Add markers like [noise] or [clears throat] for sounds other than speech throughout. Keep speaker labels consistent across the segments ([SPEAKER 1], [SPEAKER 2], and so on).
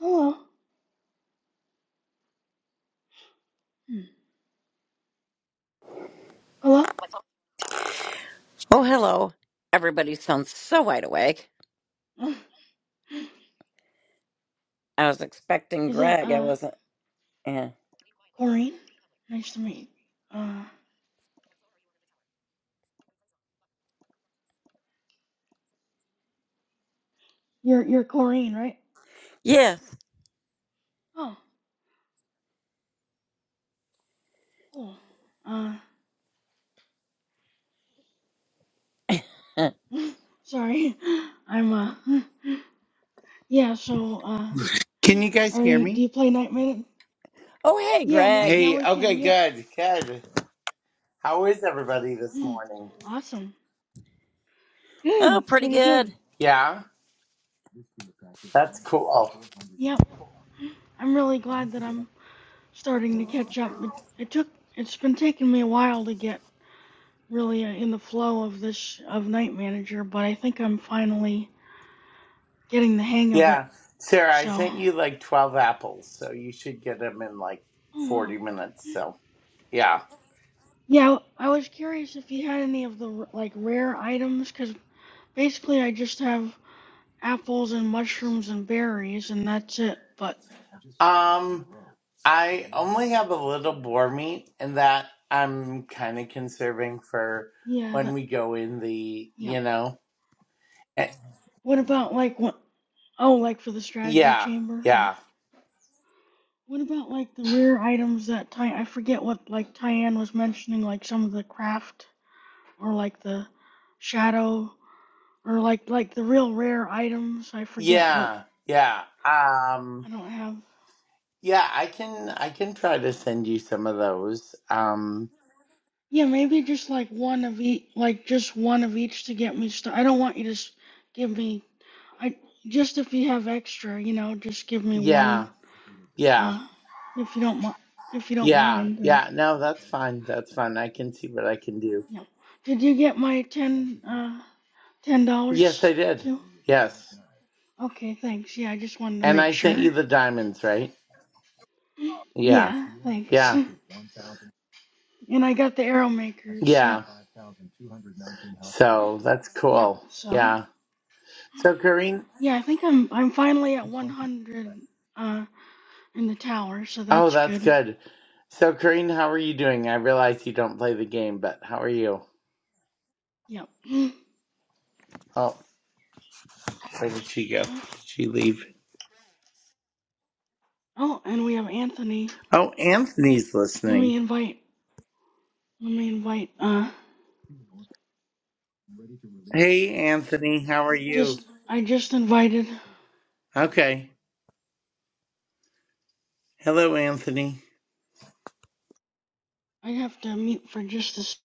[SPEAKER 1] Hello. Hmm. Hello?
[SPEAKER 2] Oh, hello. Everybody sounds so wide awake.
[SPEAKER 1] [laughs]
[SPEAKER 2] I was expecting
[SPEAKER 1] Is that
[SPEAKER 2] Greg. I
[SPEAKER 1] uh
[SPEAKER 2] wasn't. Yeah.
[SPEAKER 1] Corrine? Nice to meet you. Uh you're you're Corrine, right?
[SPEAKER 2] Yes.
[SPEAKER 1] Oh, cool. Uh
[SPEAKER 2] [laughs] oh,
[SPEAKER 1] [laughs] sorry. [laughs] I'm uh [laughs] yeah, so uh
[SPEAKER 3] Can you guys
[SPEAKER 1] are
[SPEAKER 3] hear
[SPEAKER 1] you do
[SPEAKER 3] me?
[SPEAKER 1] you play Night Minute?
[SPEAKER 2] hey,
[SPEAKER 1] Yeah, now
[SPEAKER 2] Greg.
[SPEAKER 1] now
[SPEAKER 3] Hey,
[SPEAKER 1] we
[SPEAKER 3] okay,
[SPEAKER 1] can, yep.
[SPEAKER 3] good, good. How is everybody this
[SPEAKER 1] Hmm.
[SPEAKER 3] morning?
[SPEAKER 1] Awesome.
[SPEAKER 2] Oh,
[SPEAKER 1] Good,
[SPEAKER 2] pretty
[SPEAKER 1] pretty
[SPEAKER 2] good.
[SPEAKER 1] good.
[SPEAKER 3] Yeah, that's cool.
[SPEAKER 1] Yep. I'm really glad that I'm starting to catch up. It, it took it's been taking me a while to get really in the flow of this of Night Manager, but I think I'm finally getting the hang of it.
[SPEAKER 3] Yeah, Sarah, I
[SPEAKER 1] So,
[SPEAKER 3] sent you like 12 apples, so you should get them in like
[SPEAKER 1] oh wow.
[SPEAKER 3] 40 minutes. So, yeah.
[SPEAKER 1] Yeah, I was curious if you had any of the r- like rare items cuz basically I just have apples and mushrooms and berries and that's it. But
[SPEAKER 3] Um, I only have a little boar meat, and that I'm kind of conserving for
[SPEAKER 1] yeah,
[SPEAKER 3] when
[SPEAKER 1] that
[SPEAKER 3] we go in the,
[SPEAKER 1] yeah.
[SPEAKER 3] you know, eh,
[SPEAKER 1] What about like what Oh, like for the strategy
[SPEAKER 3] yeah,
[SPEAKER 1] chamber or
[SPEAKER 3] yeah,
[SPEAKER 1] what about like the rare items that Ty I forget what like Tyann was mentioning like some of the craft or like the shadow or like like the real rare items. I forget what
[SPEAKER 3] yeah, yeah. Um,
[SPEAKER 1] I don't have.
[SPEAKER 3] Yeah, I can I can try to send you some of those. Um
[SPEAKER 1] Yeah, maybe just like one of each, like just one of each to get me started. I don't want you to s- give me. I just if you have extra, you know, just give me
[SPEAKER 3] yeah,
[SPEAKER 1] one.
[SPEAKER 3] yeah,
[SPEAKER 1] Uh, if you don't mi- if you don't
[SPEAKER 3] yeah,
[SPEAKER 1] mind, or
[SPEAKER 3] yeah. No, that's fine. That's fine. I can see what I can do.
[SPEAKER 1] yeah. Did you get my ten uh ten
[SPEAKER 3] Yes, I
[SPEAKER 1] dollars
[SPEAKER 3] did.
[SPEAKER 1] too?
[SPEAKER 3] Yes.
[SPEAKER 1] Okay, thanks. Yeah, I just wanted to
[SPEAKER 3] And
[SPEAKER 1] make
[SPEAKER 3] I sent you
[SPEAKER 1] sure.
[SPEAKER 3] the diamonds, right? Yeah.
[SPEAKER 1] Yeah, thanks.
[SPEAKER 3] Yeah.
[SPEAKER 1] [laughs] And I got the arrow makers. Yep,
[SPEAKER 3] Yeah. So that's
[SPEAKER 1] yep.
[SPEAKER 3] cool.
[SPEAKER 1] So.
[SPEAKER 3] Yeah. So Kareen
[SPEAKER 1] Yeah, I think I'm I'm finally at 100 uh in the tower, so
[SPEAKER 3] Oh,
[SPEAKER 1] that's
[SPEAKER 3] that's
[SPEAKER 1] good.
[SPEAKER 3] good. So Kareen, how are you doing? I realize you don't play the game, but how are you?
[SPEAKER 1] Yep. [gasps]
[SPEAKER 3] Oh, where did she go? Did
[SPEAKER 1] Oh,
[SPEAKER 3] she leave?
[SPEAKER 1] oh, and we have Anthony.
[SPEAKER 3] Oh, Anthony's
[SPEAKER 1] Let
[SPEAKER 3] listening.
[SPEAKER 1] me invite. Let me invite. Uh,
[SPEAKER 3] Hey, Anthony, how are you?
[SPEAKER 1] just I just invited.
[SPEAKER 3] Okay. Hello, Anthony.
[SPEAKER 1] I have to mute for just a. s-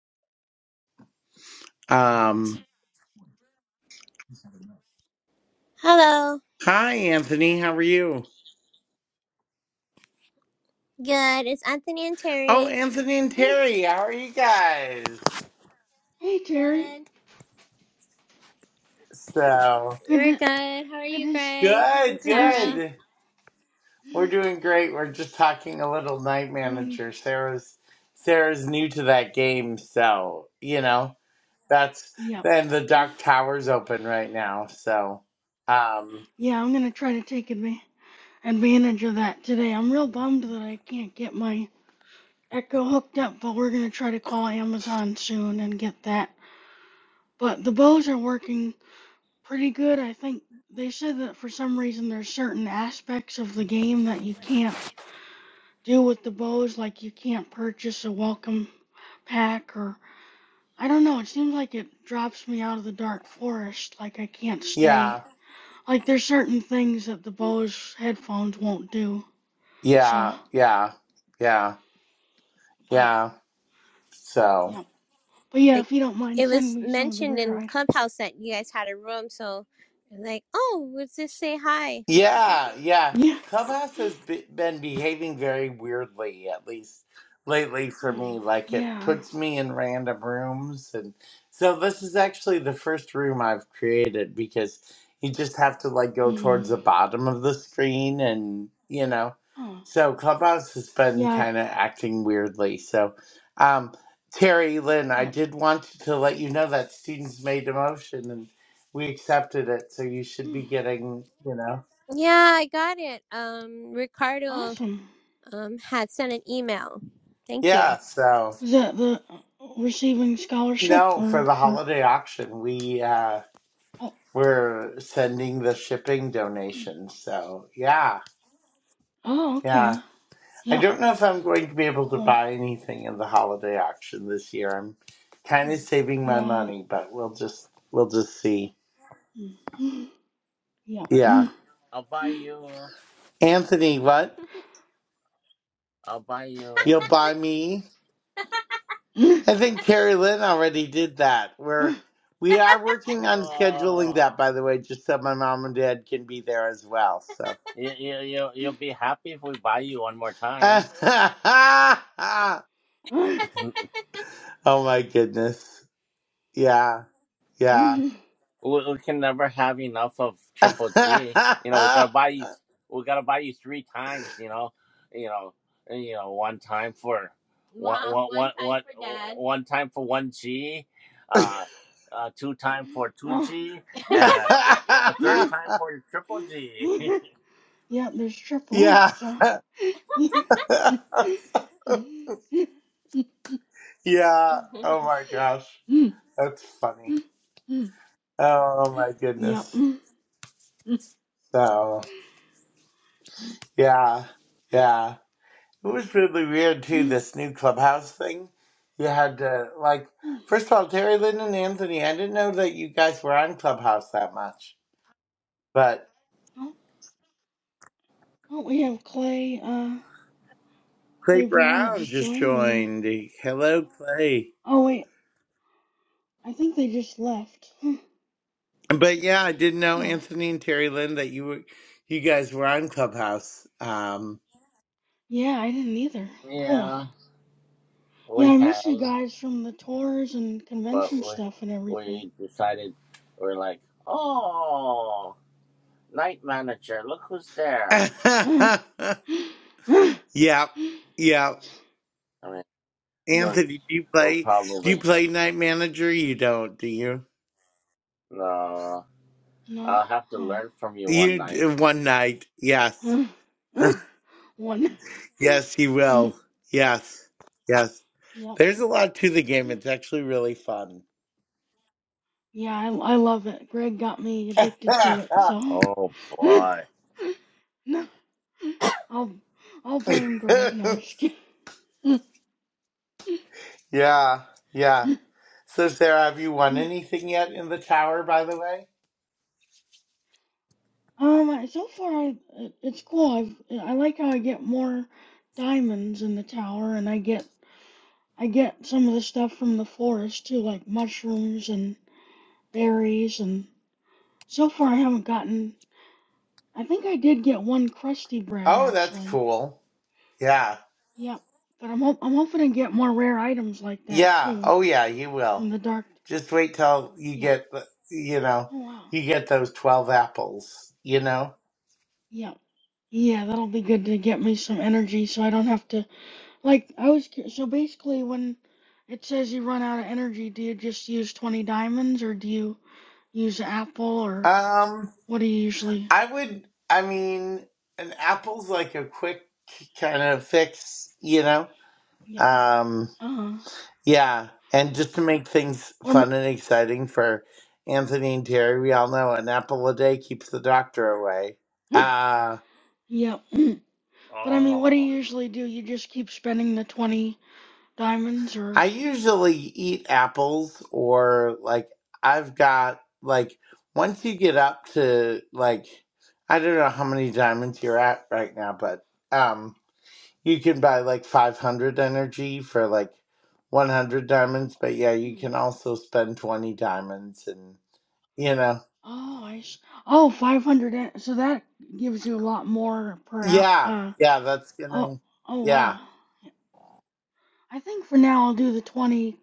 [SPEAKER 3] Um,
[SPEAKER 4] Hello.
[SPEAKER 3] hi, Anthony, how are you?
[SPEAKER 4] Good. It's Anthony and
[SPEAKER 3] Oh,
[SPEAKER 4] Terry.
[SPEAKER 3] Anthony and
[SPEAKER 1] Hey,
[SPEAKER 3] Terry, how are you guys?
[SPEAKER 1] hey, Terry.
[SPEAKER 4] Good.
[SPEAKER 3] So,
[SPEAKER 1] Good
[SPEAKER 4] We're
[SPEAKER 1] to
[SPEAKER 4] good. How are
[SPEAKER 1] good
[SPEAKER 4] you,
[SPEAKER 1] to s-
[SPEAKER 4] Greg and
[SPEAKER 3] good,
[SPEAKER 1] good to
[SPEAKER 4] Sarah?
[SPEAKER 1] see
[SPEAKER 3] good. We're doing great. We're just talking a little night
[SPEAKER 1] you. And
[SPEAKER 3] manager. Sarah's Sarah's new to that game, so, you know, that's
[SPEAKER 1] yep.
[SPEAKER 3] then the Dark Tower's open right now, so um
[SPEAKER 1] Yeah, I'm gonna try to take adva- advantage of that today. I'm real bummed that I can't get my Echo hooked up, but we're gonna try to call Amazon soon and get that But the bows are working pretty good. I think they said that for some reason there's certain aspects of the game that you can't do with the bows, like you can't purchase a welcome pack or I don't know, it seems like it drops me out of the dark forest, like I can't
[SPEAKER 3] yeah.
[SPEAKER 1] stay. Like there's certain things that the Bose headphones won't do. So,
[SPEAKER 3] Yeah, yeah, yeah,
[SPEAKER 1] but
[SPEAKER 3] yeah. So.
[SPEAKER 1] yeah. But yeah,
[SPEAKER 4] Like,
[SPEAKER 1] if you don't mind
[SPEAKER 4] it
[SPEAKER 1] send
[SPEAKER 4] was
[SPEAKER 1] me some of the
[SPEAKER 4] mentioned
[SPEAKER 1] rare
[SPEAKER 4] in
[SPEAKER 1] items.
[SPEAKER 4] Clubhouse that you guys had a room, so I'm like, oh, let's just say hi. [laughs]
[SPEAKER 3] Yeah, yeah.
[SPEAKER 1] Yeah.
[SPEAKER 3] Clubhouse has be been behaving very weirdly, at least lately for
[SPEAKER 1] Hmm,
[SPEAKER 3] me. Like it
[SPEAKER 1] yeah.
[SPEAKER 3] puts me in random rooms, and so this is actually the first room I've created because you just have to like go towards
[SPEAKER 1] Mm.
[SPEAKER 3] the bottom of the screen, and you know.
[SPEAKER 1] Huh.
[SPEAKER 3] So Clubhouse has been
[SPEAKER 1] Yeah. I-
[SPEAKER 3] kind of acting weirdly. So, um, Terry Lynn, I
[SPEAKER 1] Yep.
[SPEAKER 3] did want to let you know that students made a motion and we accepted it, so you should
[SPEAKER 1] Mm.
[SPEAKER 3] be getting, you know.
[SPEAKER 4] yeah, I got it. Um, Ricardo
[SPEAKER 1] Awesome.
[SPEAKER 4] um had sent an email. Thank you.
[SPEAKER 3] Yeah, so
[SPEAKER 1] Is that the uh, receiving scholarship
[SPEAKER 3] no, for
[SPEAKER 1] or
[SPEAKER 3] the
[SPEAKER 1] for?
[SPEAKER 3] holiday auction, we uh
[SPEAKER 1] Oh,
[SPEAKER 3] we're sending the shipping donations. So yeah,
[SPEAKER 1] oh,
[SPEAKER 3] yeah.
[SPEAKER 1] okay.
[SPEAKER 3] I
[SPEAKER 1] Yeah,
[SPEAKER 3] don't know if I'm going to be able to
[SPEAKER 1] cool.
[SPEAKER 3] buy anything in the holiday auction this year. I'm kind of
[SPEAKER 1] Mm,
[SPEAKER 3] saving my
[SPEAKER 1] Yeah.
[SPEAKER 3] money, but we'll just we'll just see.
[SPEAKER 1] mm, Yeah.
[SPEAKER 3] Yeah.
[SPEAKER 1] mm,
[SPEAKER 4] I'll buy you.
[SPEAKER 3] Anthony, what?
[SPEAKER 4] I'll buy you. [laughs]
[SPEAKER 3] You'll buy me?
[SPEAKER 1] mm,
[SPEAKER 3] I think Terry Lynn already did that. We're
[SPEAKER 1] mm,
[SPEAKER 3] we are working on scheduling
[SPEAKER 4] Oh,
[SPEAKER 3] that by the way, just so my mom and dad can be there as well. So
[SPEAKER 4] you, you, you, you'll be happy if we buy you one more
[SPEAKER 3] [laughs]
[SPEAKER 4] time.
[SPEAKER 3] oh
[SPEAKER 1] mm,
[SPEAKER 3] my goodness. Yeah. Yeah.
[SPEAKER 1] mm,
[SPEAKER 4] we, we can never have enough of
[SPEAKER 3] [laughs]
[SPEAKER 4] Triple G. You know, we gotta buy you. We gotta buy you three times. You know, you know, you know, one time for one, Mom, one, one one, time one, for one time for one G, uh, uh, two time for two
[SPEAKER 1] Oh.
[SPEAKER 4] G, and [laughs] a third time for your Triple G.
[SPEAKER 1] Yeah, there's triple,
[SPEAKER 3] yeah.
[SPEAKER 1] so. Yeah.
[SPEAKER 3] [laughs] yeah. Oh
[SPEAKER 4] [laughs]
[SPEAKER 3] my gosh. That's funny. Oh my goodness. So, yeah. Yeah. It was really weird too, this new clubhouse thing. You had to, like, first of all, Terry Lynn and Anthony, I didn't know that you guys were on Clubhouse that much. but.
[SPEAKER 1] Oh, oh, we have Clay. Uh,
[SPEAKER 3] Clay
[SPEAKER 1] Clay Brown that
[SPEAKER 3] Brown
[SPEAKER 1] just
[SPEAKER 3] just
[SPEAKER 1] joined. Let me.
[SPEAKER 3] joined. Hello, Clay.
[SPEAKER 1] Oh wait, I think they just left. [laughs]
[SPEAKER 3] But yeah, I didn't know
[SPEAKER 1] Huh. Oh,
[SPEAKER 3] Anthony and Terry Lynn that you were, you guys were on Clubhouse. Um,
[SPEAKER 1] yeah, I didn't either. Cool.
[SPEAKER 4] yeah,
[SPEAKER 1] Yeah,
[SPEAKER 4] we
[SPEAKER 1] I miss you
[SPEAKER 4] hang,
[SPEAKER 1] guys from the tours and
[SPEAKER 4] but
[SPEAKER 1] convention
[SPEAKER 4] we
[SPEAKER 1] stuff and everything.
[SPEAKER 4] we decided we're like, oh, night manager, look who's there.
[SPEAKER 3] [laughs]
[SPEAKER 1] [gasps]
[SPEAKER 3] yeah, yeah.
[SPEAKER 4] I mean. we're.
[SPEAKER 1] Yep.
[SPEAKER 3] Anthony, do you
[SPEAKER 4] Oh,
[SPEAKER 3] play? Do you
[SPEAKER 4] probably.
[SPEAKER 3] play Night Manager? You don't, do you?
[SPEAKER 4] No,
[SPEAKER 1] No.
[SPEAKER 4] I'll have to learn
[SPEAKER 1] Huh.
[SPEAKER 4] from you one
[SPEAKER 3] You d-
[SPEAKER 4] night.
[SPEAKER 3] one night,
[SPEAKER 1] [laughs]
[SPEAKER 3] yes,
[SPEAKER 1] Uh,
[SPEAKER 3] [laughs]
[SPEAKER 1] uh, One.
[SPEAKER 3] yes, He
[SPEAKER 1] [laughs] Mm,
[SPEAKER 3] will. Yes, yes.
[SPEAKER 1] Yep.
[SPEAKER 3] There's a lot to the game. It's actually really fun.
[SPEAKER 1] Yeah, I, I love it. Greg got me addicted to it, so.
[SPEAKER 4] Oh
[SPEAKER 1] [laughs]
[SPEAKER 4] boy.
[SPEAKER 1] No, I'll I'll blame Greg. No,
[SPEAKER 3] [laughs]
[SPEAKER 1] I'm just kidding.
[SPEAKER 3] yeah, yeah. So, Sarah, have you won
[SPEAKER 1] [laughs]
[SPEAKER 3] anything yet in the tower, by the way?
[SPEAKER 1] Um, so far I- it- it's cool. I've I like how I get more diamonds in the tower, and I get I get some of the stuff from the forest too, like mushrooms and berries. And so far I haven't gotten. I think I did get one crusty bread
[SPEAKER 3] Oh, that's
[SPEAKER 1] actually.
[SPEAKER 3] cool. Yeah.
[SPEAKER 1] Yep. But I'm hop I'm hoping to get more rare items like that
[SPEAKER 3] Yeah.
[SPEAKER 1] too
[SPEAKER 3] Oh, yeah, you will.
[SPEAKER 1] from the dark.
[SPEAKER 3] Just wait till you
[SPEAKER 1] Yep.
[SPEAKER 3] get, the- you know,
[SPEAKER 1] Oh wow.
[SPEAKER 3] you get those 12 apples, you know?
[SPEAKER 1] Yep. Yeah, that'll be good to get me some energy, so I don't have to. Like I was cu- so basically when it says you run out of energy, do you just use 20 diamonds or do you use apple or
[SPEAKER 3] Um,
[SPEAKER 1] what do you usually?
[SPEAKER 3] I would, I mean, an apple's like a quick kind of fix, you know?
[SPEAKER 1] Yep.
[SPEAKER 3] Um,
[SPEAKER 1] Uh-huh.
[SPEAKER 3] yeah. And just to make things
[SPEAKER 1] Or
[SPEAKER 3] fun
[SPEAKER 1] m-
[SPEAKER 3] and exciting for Anthony and Terry, we all know an apple a day keeps the doctor away. Uh,
[SPEAKER 1] [laughs] yep. [clears throat] But I mean, what do
[SPEAKER 4] Oh.
[SPEAKER 1] you usually do? You just keep spending the 20 diamonds or
[SPEAKER 3] I usually eat apples or like I've got like once you get up to like I don't know how many diamonds you're at right now, but um you can buy like 500 energy for like 100 diamonds, but yeah, you
[SPEAKER 1] Hmm.
[SPEAKER 3] can also spend 20 diamonds and you know.
[SPEAKER 1] Oh, I s- Oh, 500 en- so that gives you a lot more per out
[SPEAKER 3] Yeah.
[SPEAKER 1] uh
[SPEAKER 3] Yeah, that's going
[SPEAKER 1] oh
[SPEAKER 3] to
[SPEAKER 1] oh
[SPEAKER 3] Yeah.
[SPEAKER 1] wow. I think for now I'll do the 20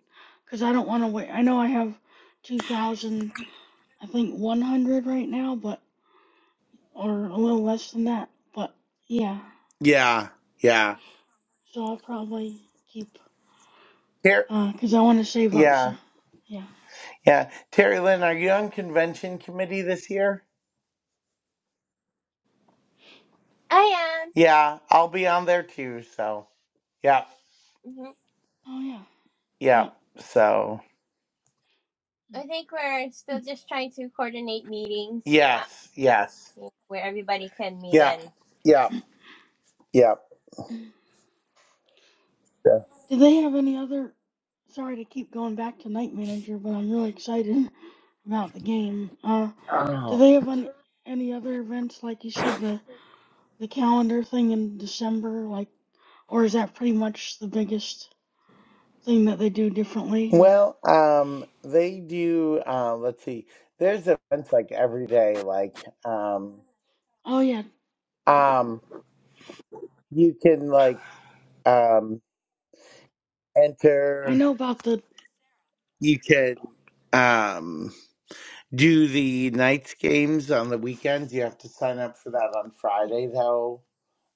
[SPEAKER 1] because I don't want to wait. I know I have 2,000, I think 100 right now, but or a little less than that. But yeah,
[SPEAKER 3] Yeah. Yeah.
[SPEAKER 1] so I'll probably keep
[SPEAKER 3] Ter-
[SPEAKER 1] uh because I want to save up. So
[SPEAKER 3] yeah.
[SPEAKER 1] yeah.
[SPEAKER 3] Yeah. Terry Lynn, are you on convention committee this year?
[SPEAKER 4] I
[SPEAKER 3] Yeah, I'll be on there too. So, yep,
[SPEAKER 4] am. hmm
[SPEAKER 1] Oh yeah.
[SPEAKER 3] yep.
[SPEAKER 1] Yep.
[SPEAKER 3] So,
[SPEAKER 4] I think we're still
[SPEAKER 1] Mm,
[SPEAKER 4] just trying to coordinate meetings. Yeah,
[SPEAKER 3] yes, yes,
[SPEAKER 4] where everybody can meet
[SPEAKER 3] yep,
[SPEAKER 4] in.
[SPEAKER 3] yep, yep.
[SPEAKER 1] mm. they have any other? Sorry to keep going back to Night Manager, but I'm really excited [laughs] about the game. Uh, do
[SPEAKER 4] Oh.
[SPEAKER 1] they have any any other events like you said the the calendar thing in December? Like. Or is that pretty much the biggest thing that they do differently? Or
[SPEAKER 3] Well, um, they do. Uh, let's see. There's events like every day. Like, um,
[SPEAKER 1] oh yeah,
[SPEAKER 3] um, you can like um
[SPEAKER 1] I
[SPEAKER 3] enter.
[SPEAKER 1] know about the
[SPEAKER 3] You can um do the nights games on the weekends. You have to sign up for that on
[SPEAKER 1] yeah.
[SPEAKER 3] Friday though.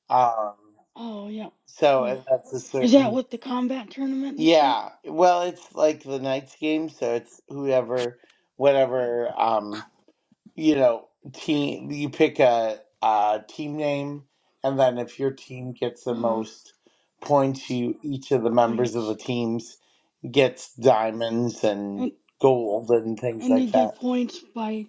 [SPEAKER 3] Um,
[SPEAKER 1] Oh yeah.
[SPEAKER 3] so
[SPEAKER 1] Huh.
[SPEAKER 3] and that's a
[SPEAKER 1] Is that
[SPEAKER 3] certain.
[SPEAKER 1] with the combat tournament and stuff?
[SPEAKER 3] Yeah, well, it's like the night's game, so it's whoever, whatever, um, you know, team you pick a, a team name, and then if your team gets
[SPEAKER 1] Uh
[SPEAKER 3] the
[SPEAKER 1] huh.
[SPEAKER 3] most points, you each of the members of the
[SPEAKER 1] Points
[SPEAKER 3] teams gets diamonds and
[SPEAKER 1] and
[SPEAKER 3] gold and things
[SPEAKER 1] and you
[SPEAKER 3] like that.
[SPEAKER 1] get points by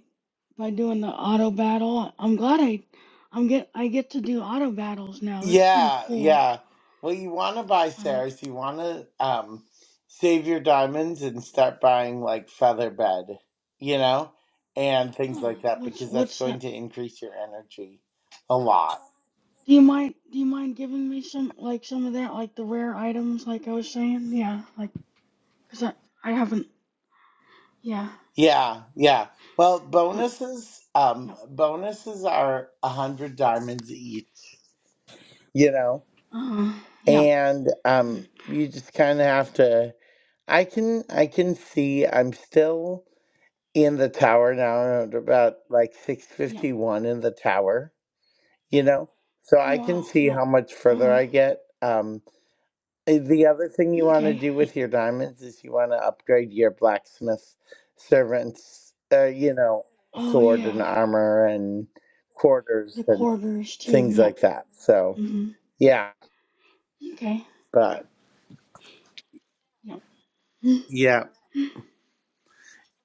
[SPEAKER 1] by doing the auto battle. I'm glad I I'm get I get to do auto battles now. That's pretty
[SPEAKER 3] Yeah,
[SPEAKER 1] cool.
[SPEAKER 3] yeah. Well, you want to buy
[SPEAKER 1] Uh,
[SPEAKER 3] Sarah's, you want to um save your diamonds and start buying like feather bed, you know, and things
[SPEAKER 1] huh.
[SPEAKER 3] like that
[SPEAKER 1] What's
[SPEAKER 3] because that's
[SPEAKER 1] what's that?
[SPEAKER 3] going to increase your energy a lot.
[SPEAKER 1] Do you mind do you mind giving me some like some of that like the rare items like I was saying? Yeah, like cuz I I haven't Yeah.
[SPEAKER 3] Yeah, yeah. Well,
[SPEAKER 1] Uh,
[SPEAKER 3] bonuses um
[SPEAKER 1] yeah.
[SPEAKER 3] bonuses are a 100 diamonds each, you know.
[SPEAKER 1] Uh, yeah.
[SPEAKER 3] And um
[SPEAKER 1] Mm,
[SPEAKER 3] you just kind of have to I can I can see I'm still in the tower now at about like
[SPEAKER 1] yeah.
[SPEAKER 3] 651 in the tower you know so
[SPEAKER 1] Oh
[SPEAKER 3] i can
[SPEAKER 1] wow.
[SPEAKER 3] see
[SPEAKER 1] Yeah.
[SPEAKER 3] how much further
[SPEAKER 1] Uh,
[SPEAKER 3] i get um eh, the other thing you want to
[SPEAKER 1] okay.
[SPEAKER 3] do with your diamonds is you want to upgrade your blacksmith servants uh, you know
[SPEAKER 1] Oh
[SPEAKER 3] sword and
[SPEAKER 1] yeah.
[SPEAKER 3] armor and quarters
[SPEAKER 1] The
[SPEAKER 3] and
[SPEAKER 1] quarters too.
[SPEAKER 3] things
[SPEAKER 1] Yeah.
[SPEAKER 3] like that so
[SPEAKER 1] Mhm.
[SPEAKER 3] yeah
[SPEAKER 1] Okay.
[SPEAKER 3] but
[SPEAKER 1] Yeah. Mm.
[SPEAKER 3] yeah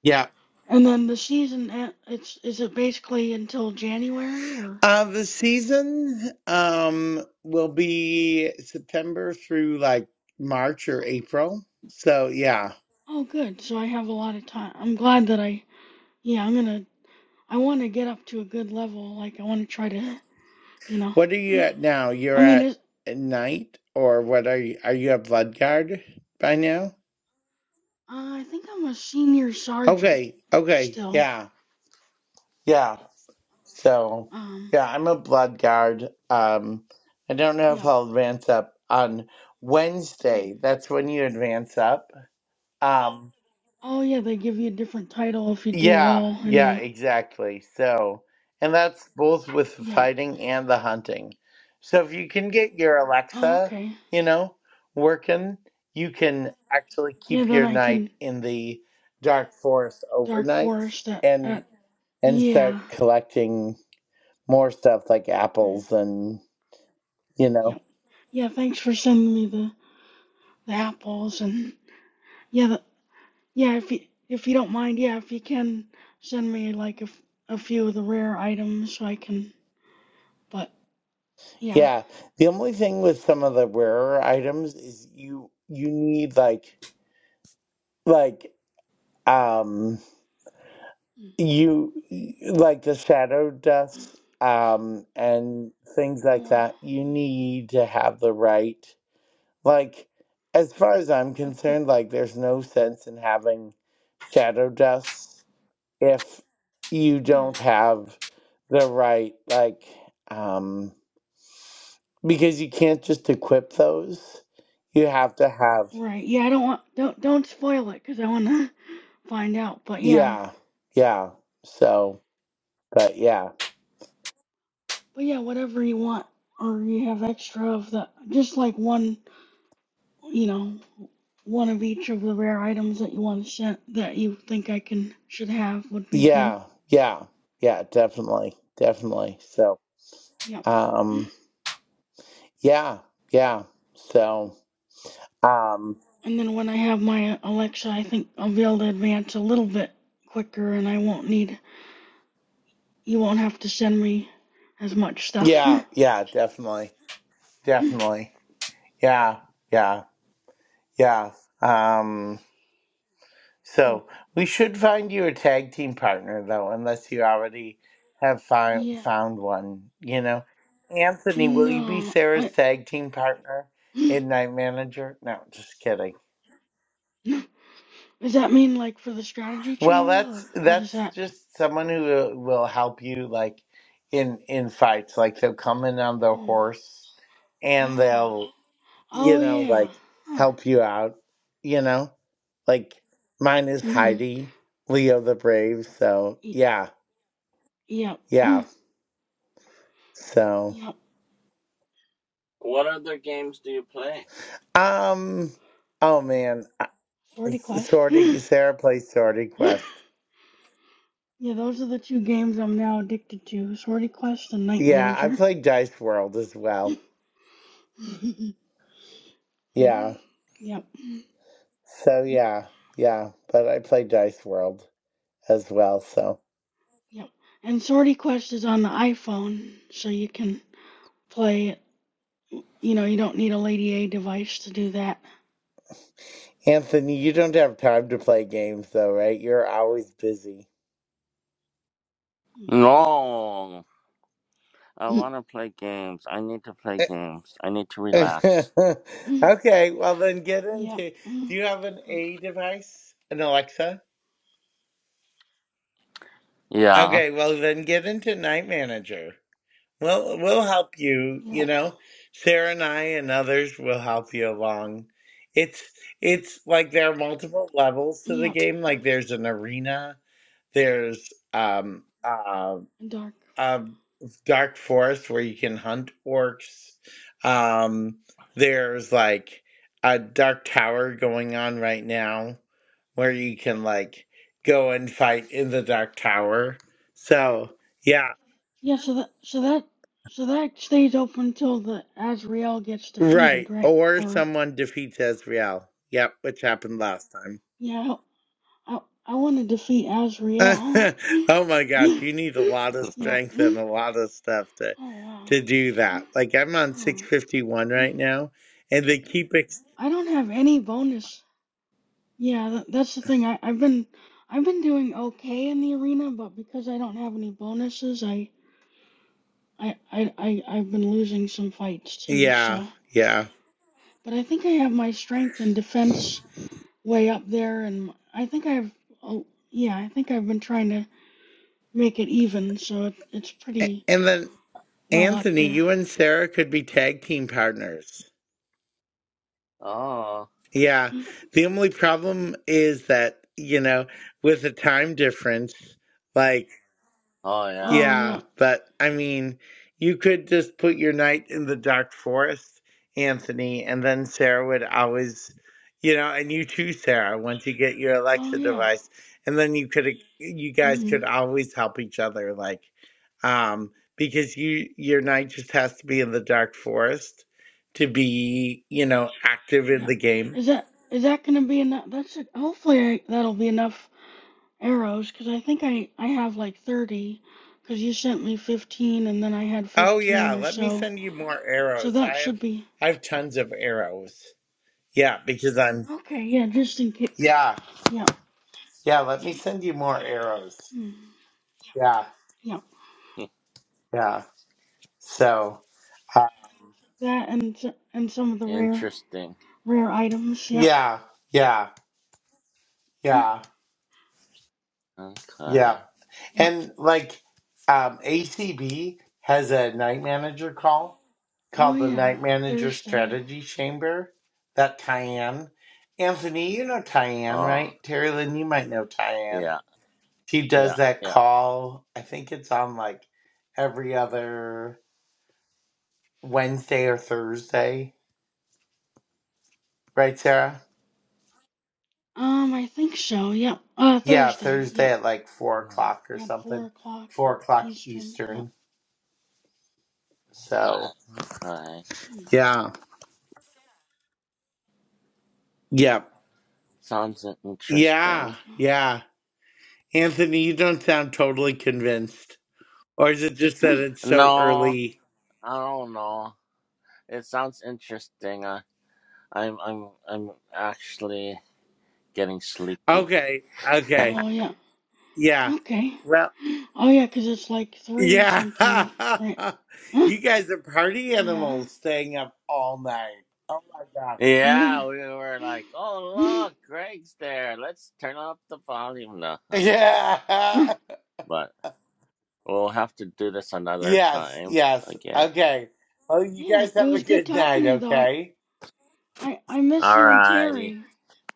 [SPEAKER 3] yeah
[SPEAKER 1] And then the season e- it's is it basically until January or
[SPEAKER 3] Uh, the season um will be September through like March or April. So yeah.
[SPEAKER 1] Oh good. So I have a lot of time. I'm glad that I yeah, I'm going to I want to get up to a good level like I want to try to, you know.
[SPEAKER 3] What are you at now? You're
[SPEAKER 1] I mean,
[SPEAKER 3] at
[SPEAKER 1] it,
[SPEAKER 3] night or what are you are you at Bloodguard by now?
[SPEAKER 1] uh, I think I'm a senior sergeant
[SPEAKER 3] Okay, okay,
[SPEAKER 1] still.
[SPEAKER 3] yeah. Yeah. So
[SPEAKER 1] Um,
[SPEAKER 3] yeah, I'm a Bloodguard. Um I don't know if
[SPEAKER 1] yeah.
[SPEAKER 3] I'll advance up on Wednesday.
[SPEAKER 1] Mm.
[SPEAKER 3] That's when you advance up. Um
[SPEAKER 1] Oh yeah, they give you a different title if you do
[SPEAKER 3] Yeah,
[SPEAKER 1] well in
[SPEAKER 3] yeah,
[SPEAKER 1] the
[SPEAKER 3] exactly. So, and that's both with the
[SPEAKER 1] yeah.
[SPEAKER 3] fighting and the hunting. So if you can get your
[SPEAKER 1] Oh
[SPEAKER 3] Alexa,
[SPEAKER 1] okay.
[SPEAKER 3] you know, working, you can actually
[SPEAKER 1] Yeah,
[SPEAKER 3] keep
[SPEAKER 1] then
[SPEAKER 3] your
[SPEAKER 1] I
[SPEAKER 3] night
[SPEAKER 1] can
[SPEAKER 3] in the dark forest
[SPEAKER 1] Dark
[SPEAKER 3] overnight
[SPEAKER 1] Forest at,
[SPEAKER 3] and
[SPEAKER 1] at
[SPEAKER 3] and
[SPEAKER 1] yeah.
[SPEAKER 3] start collecting more stuff like
[SPEAKER 1] Hmm,
[SPEAKER 3] apples and, you know.
[SPEAKER 1] Yep. Yeah, thanks for sending me the, the apples and yeah, the, yeah, if you if you don't mind, yeah, if you can send me like a, f- a few of the rare items so I can but yeah.
[SPEAKER 3] Yeah, the only thing with some of the rarer items is you you need like like um
[SPEAKER 1] Hmm.
[SPEAKER 3] you like the shadow dust um and things
[SPEAKER 1] Oh
[SPEAKER 3] like
[SPEAKER 1] wow.
[SPEAKER 3] that you need to have the right like as far as i'm
[SPEAKER 1] A quick.
[SPEAKER 3] concerned like there's no sense in having shadow dust if you
[SPEAKER 1] Oh,
[SPEAKER 3] don't have the right like um because you can't just equip those you have to have
[SPEAKER 1] right. Yeah, I don't want don't don't spoil it 'cause I want to [laughs] find out. But yeah.
[SPEAKER 3] yeah yeah so but yeah
[SPEAKER 1] But yeah, whatever you want, or you have extra of the, just like one, you know, one of each of the rare items that you want to set that you think I can should have would be good.
[SPEAKER 3] Yeah, yeah, yeah, definitely, definitely. So,
[SPEAKER 1] Yep.
[SPEAKER 3] um, yeah, yeah. So, um,
[SPEAKER 1] And then when I have my Alexa, I think I'll be able to advance a little bit quicker, and I won't need, you won't have to send me as much stuff.
[SPEAKER 3] yeah, yeah, definitely, definitely. Yeah, yeah, yeah. Um, so
[SPEAKER 1] [laughs]
[SPEAKER 3] we should find you a tag team partner though, unless you already have fi
[SPEAKER 1] yeah.
[SPEAKER 3] found one, you know. Anthony, will you be
[SPEAKER 1] No,
[SPEAKER 3] Sarah's
[SPEAKER 1] I. [laughs]
[SPEAKER 3] tag team partner in Night Manager? No, just kidding.
[SPEAKER 1] [gasps] Does that mean like for the strategy
[SPEAKER 3] Well,
[SPEAKER 1] chamber, or
[SPEAKER 3] that's
[SPEAKER 1] what is
[SPEAKER 3] that's
[SPEAKER 1] that?
[SPEAKER 3] just someone who will will help you like in in fights. Like they'll come in on their
[SPEAKER 1] Hmm.
[SPEAKER 3] horse and
[SPEAKER 1] Oh.
[SPEAKER 3] they'll you
[SPEAKER 1] Oh
[SPEAKER 3] know
[SPEAKER 1] yeah.
[SPEAKER 3] like
[SPEAKER 1] Huh.
[SPEAKER 3] help you out. You know, like mine is
[SPEAKER 1] Mm-hmm.
[SPEAKER 3] Heidi, Leo the Brave. So
[SPEAKER 1] Y-
[SPEAKER 3] yeah,
[SPEAKER 1] yep.
[SPEAKER 3] yeah.
[SPEAKER 1] Mm.
[SPEAKER 3] So
[SPEAKER 1] Yep.
[SPEAKER 4] What other games do you play?
[SPEAKER 3] um, oh man, I-
[SPEAKER 1] Swordy Quest. [laughs]
[SPEAKER 3] Sortie Sarah plays Sortie
[SPEAKER 1] yeah,
[SPEAKER 3] Quest.
[SPEAKER 1] those are the two games I'm now addicted to. Swordy Quest and Night
[SPEAKER 3] Yeah, I
[SPEAKER 1] Manager.
[SPEAKER 3] played Dice World as
[SPEAKER 1] [laughs]
[SPEAKER 3] well. Yeah.
[SPEAKER 1] yep. Yep.
[SPEAKER 3] So yeah, yeah. But I play Dice World as well. So
[SPEAKER 1] And Swordy Quest is on the iPhone, so you can play it. You know, you don't need a Lady A device to do that.
[SPEAKER 3] Anthony, you don't have time to play games though, right? You're always busy.
[SPEAKER 4] No, I
[SPEAKER 1] Yep.
[SPEAKER 4] want to play games. I need to play games. I need to
[SPEAKER 3] [laughs]
[SPEAKER 4] relax.
[SPEAKER 1] Yep.
[SPEAKER 3] okay, well then get into. Do you have an A device, an Alexa?
[SPEAKER 4] Yeah.
[SPEAKER 3] Okay, well then get into Night Manager. Well, we'll help you, you know. Sarah and I and others will help you along. It's it's like there are multiple levels to the
[SPEAKER 1] Yep.
[SPEAKER 3] game. Like there's an arena, there's um uh,
[SPEAKER 1] Dark.
[SPEAKER 3] uh dark forest where you can hunt orcs. Um there's like a dark tower going on right now where you can like go and fight in the dark tower. So, yeah.
[SPEAKER 1] Yeah, so that so that so that stays open until the Azrael gets defeated,
[SPEAKER 3] Right.
[SPEAKER 1] right?
[SPEAKER 3] Or
[SPEAKER 1] Or
[SPEAKER 3] someone defeats Ezreal. Yep, which happened last time.
[SPEAKER 1] yeah, I I, I want to defeat Azrael.
[SPEAKER 3] [laughs] oh my
[SPEAKER 1] [laughs]
[SPEAKER 3] gosh,
[SPEAKER 1] yeah,
[SPEAKER 3] you need a lot of
[SPEAKER 4] [laughs]
[SPEAKER 1] yeah.
[SPEAKER 3] strength and
[SPEAKER 1] Oh
[SPEAKER 3] a lot of stuff to
[SPEAKER 1] wow.
[SPEAKER 3] to do that. Like I'm on
[SPEAKER 1] Hmm.
[SPEAKER 3] 651 right now and they keep ex-
[SPEAKER 1] I don't have any bonus. Yeah, tha that's the thing. I I've been I've been doing okay in the arena, but because I don't have any bonuses, I I I, I I've been losing some fights too.
[SPEAKER 3] yeah,
[SPEAKER 1] So,
[SPEAKER 3] yeah.
[SPEAKER 1] but I think I have my strength and defense way up there, and I think I've oh yeah, I think I've been trying to make it even, so it, it's
[SPEAKER 3] A-
[SPEAKER 1] pretty
[SPEAKER 3] And then
[SPEAKER 1] well up
[SPEAKER 3] Anthony,
[SPEAKER 1] there.
[SPEAKER 3] you and Sarah could be tag team partners.
[SPEAKER 4] Oh.
[SPEAKER 3] Yeah. The only problem is that, you know, with the time difference, like
[SPEAKER 4] Oh yeah.
[SPEAKER 1] Oh
[SPEAKER 3] Yeah,
[SPEAKER 1] yeah,
[SPEAKER 3] but I mean, you could just put your knight in the dark forest, Anthony, and then Sarah would always, you know, and you too, Sarah, once you get your
[SPEAKER 1] oh
[SPEAKER 3] Alexa
[SPEAKER 1] yeah,
[SPEAKER 3] device, and then you could, you guys
[SPEAKER 1] mm-hmm.
[SPEAKER 3] could always help each other, like, um, because you your knight just has to be in the dark forest to be, you know, active in
[SPEAKER 1] yeah.
[SPEAKER 3] the game.
[SPEAKER 1] Is that is that gonna be enough? That's it. Hopefully I, that'll be enough arrows, cause I think I I have like thirty, cause you sent me fifteen, and then I had
[SPEAKER 3] Oh yeah,
[SPEAKER 1] fifteen or
[SPEAKER 3] let me
[SPEAKER 1] so,
[SPEAKER 3] send you more
[SPEAKER 1] so
[SPEAKER 3] arrows.
[SPEAKER 1] that
[SPEAKER 3] I have
[SPEAKER 1] should be
[SPEAKER 3] I have tons of arrows. Yeah, because I'm
[SPEAKER 1] okay. Yeah, just in case.
[SPEAKER 3] yeah.
[SPEAKER 1] Yeah,
[SPEAKER 3] Yeah, let me send you more arrows.
[SPEAKER 1] mm,
[SPEAKER 3] Yeah,
[SPEAKER 1] yeah.
[SPEAKER 4] [laughs]
[SPEAKER 3] yeah. So, uh,
[SPEAKER 1] That and s- and some of the rare
[SPEAKER 4] Interesting.
[SPEAKER 1] rare items. Yeah.
[SPEAKER 3] yeah, yeah, yeah,
[SPEAKER 4] Okay.
[SPEAKER 3] yeah.
[SPEAKER 1] Yep.
[SPEAKER 3] And like, um, ACB has a night manager call
[SPEAKER 1] Oh
[SPEAKER 3] called the
[SPEAKER 1] yeah,
[SPEAKER 3] Night Manager
[SPEAKER 1] Thursday.
[SPEAKER 3] Strategy Chamber that Tyann, Anthony, you know Tyann,
[SPEAKER 4] Oh.
[SPEAKER 3] right? Terry Lynn, you might know Tyann.
[SPEAKER 4] Yeah.
[SPEAKER 3] She
[SPEAKER 4] Yeah.
[SPEAKER 3] does that
[SPEAKER 4] Yeah.
[SPEAKER 3] call, I think it's on like every other Wednesday or Thursday, right, Sarah?
[SPEAKER 1] Um, I think so. Yep. Uh,
[SPEAKER 3] Yeah,
[SPEAKER 1] Thursday.
[SPEAKER 3] Thursday
[SPEAKER 1] Yep.
[SPEAKER 3] at like four
[SPEAKER 4] Ah,
[SPEAKER 3] o'clock or
[SPEAKER 1] At
[SPEAKER 3] something.
[SPEAKER 1] four o'clock
[SPEAKER 3] Four o'clock
[SPEAKER 1] Eastern. Yep.
[SPEAKER 3] Eastern. So
[SPEAKER 4] Okay.
[SPEAKER 3] Yeah. Yep.
[SPEAKER 4] Sounds
[SPEAKER 3] Yeah.
[SPEAKER 4] interesting.
[SPEAKER 3] Yeah. Anthony, you don't sound totally convinced. Or is it just
[SPEAKER 1] Hmm.
[SPEAKER 3] that
[SPEAKER 1] [gasps]
[SPEAKER 3] it's so
[SPEAKER 4] No,
[SPEAKER 3] early?
[SPEAKER 4] I don't know. It sounds interesting. I, I'm, I'm, I'm actually getting sleepy.
[SPEAKER 3] Okay. Okay.
[SPEAKER 1] Oh yeah.
[SPEAKER 3] Yeah.
[SPEAKER 1] Okay. [gasps]
[SPEAKER 3] Well
[SPEAKER 1] Oh yeah, 'cause it's like three
[SPEAKER 3] Yeah.
[SPEAKER 1] something, right?
[SPEAKER 3] [laughs]
[SPEAKER 1] [gasps] Huh?
[SPEAKER 3] you guys are party
[SPEAKER 1] Yeah.
[SPEAKER 3] animals staying up all night. Oh my god.
[SPEAKER 1] Yeah.
[SPEAKER 4] Yeah, we were like,
[SPEAKER 1] [gasps] Hmm.
[SPEAKER 4] oh look, Greg's there. Let's turn up the volume. No, I'm just joking.
[SPEAKER 1] Uh,
[SPEAKER 3] Yeah. [laughs]
[SPEAKER 4] But we'll have to do this another
[SPEAKER 3] Yes,
[SPEAKER 4] time
[SPEAKER 3] yes.
[SPEAKER 4] again.
[SPEAKER 3] Okay. Well you
[SPEAKER 1] Yeah.
[SPEAKER 3] guys
[SPEAKER 1] It
[SPEAKER 3] have a
[SPEAKER 1] was good
[SPEAKER 3] good
[SPEAKER 1] talking
[SPEAKER 3] night,
[SPEAKER 1] to you though. I,
[SPEAKER 3] okay?
[SPEAKER 1] I I miss you and
[SPEAKER 4] Alrighty.
[SPEAKER 1] Terry.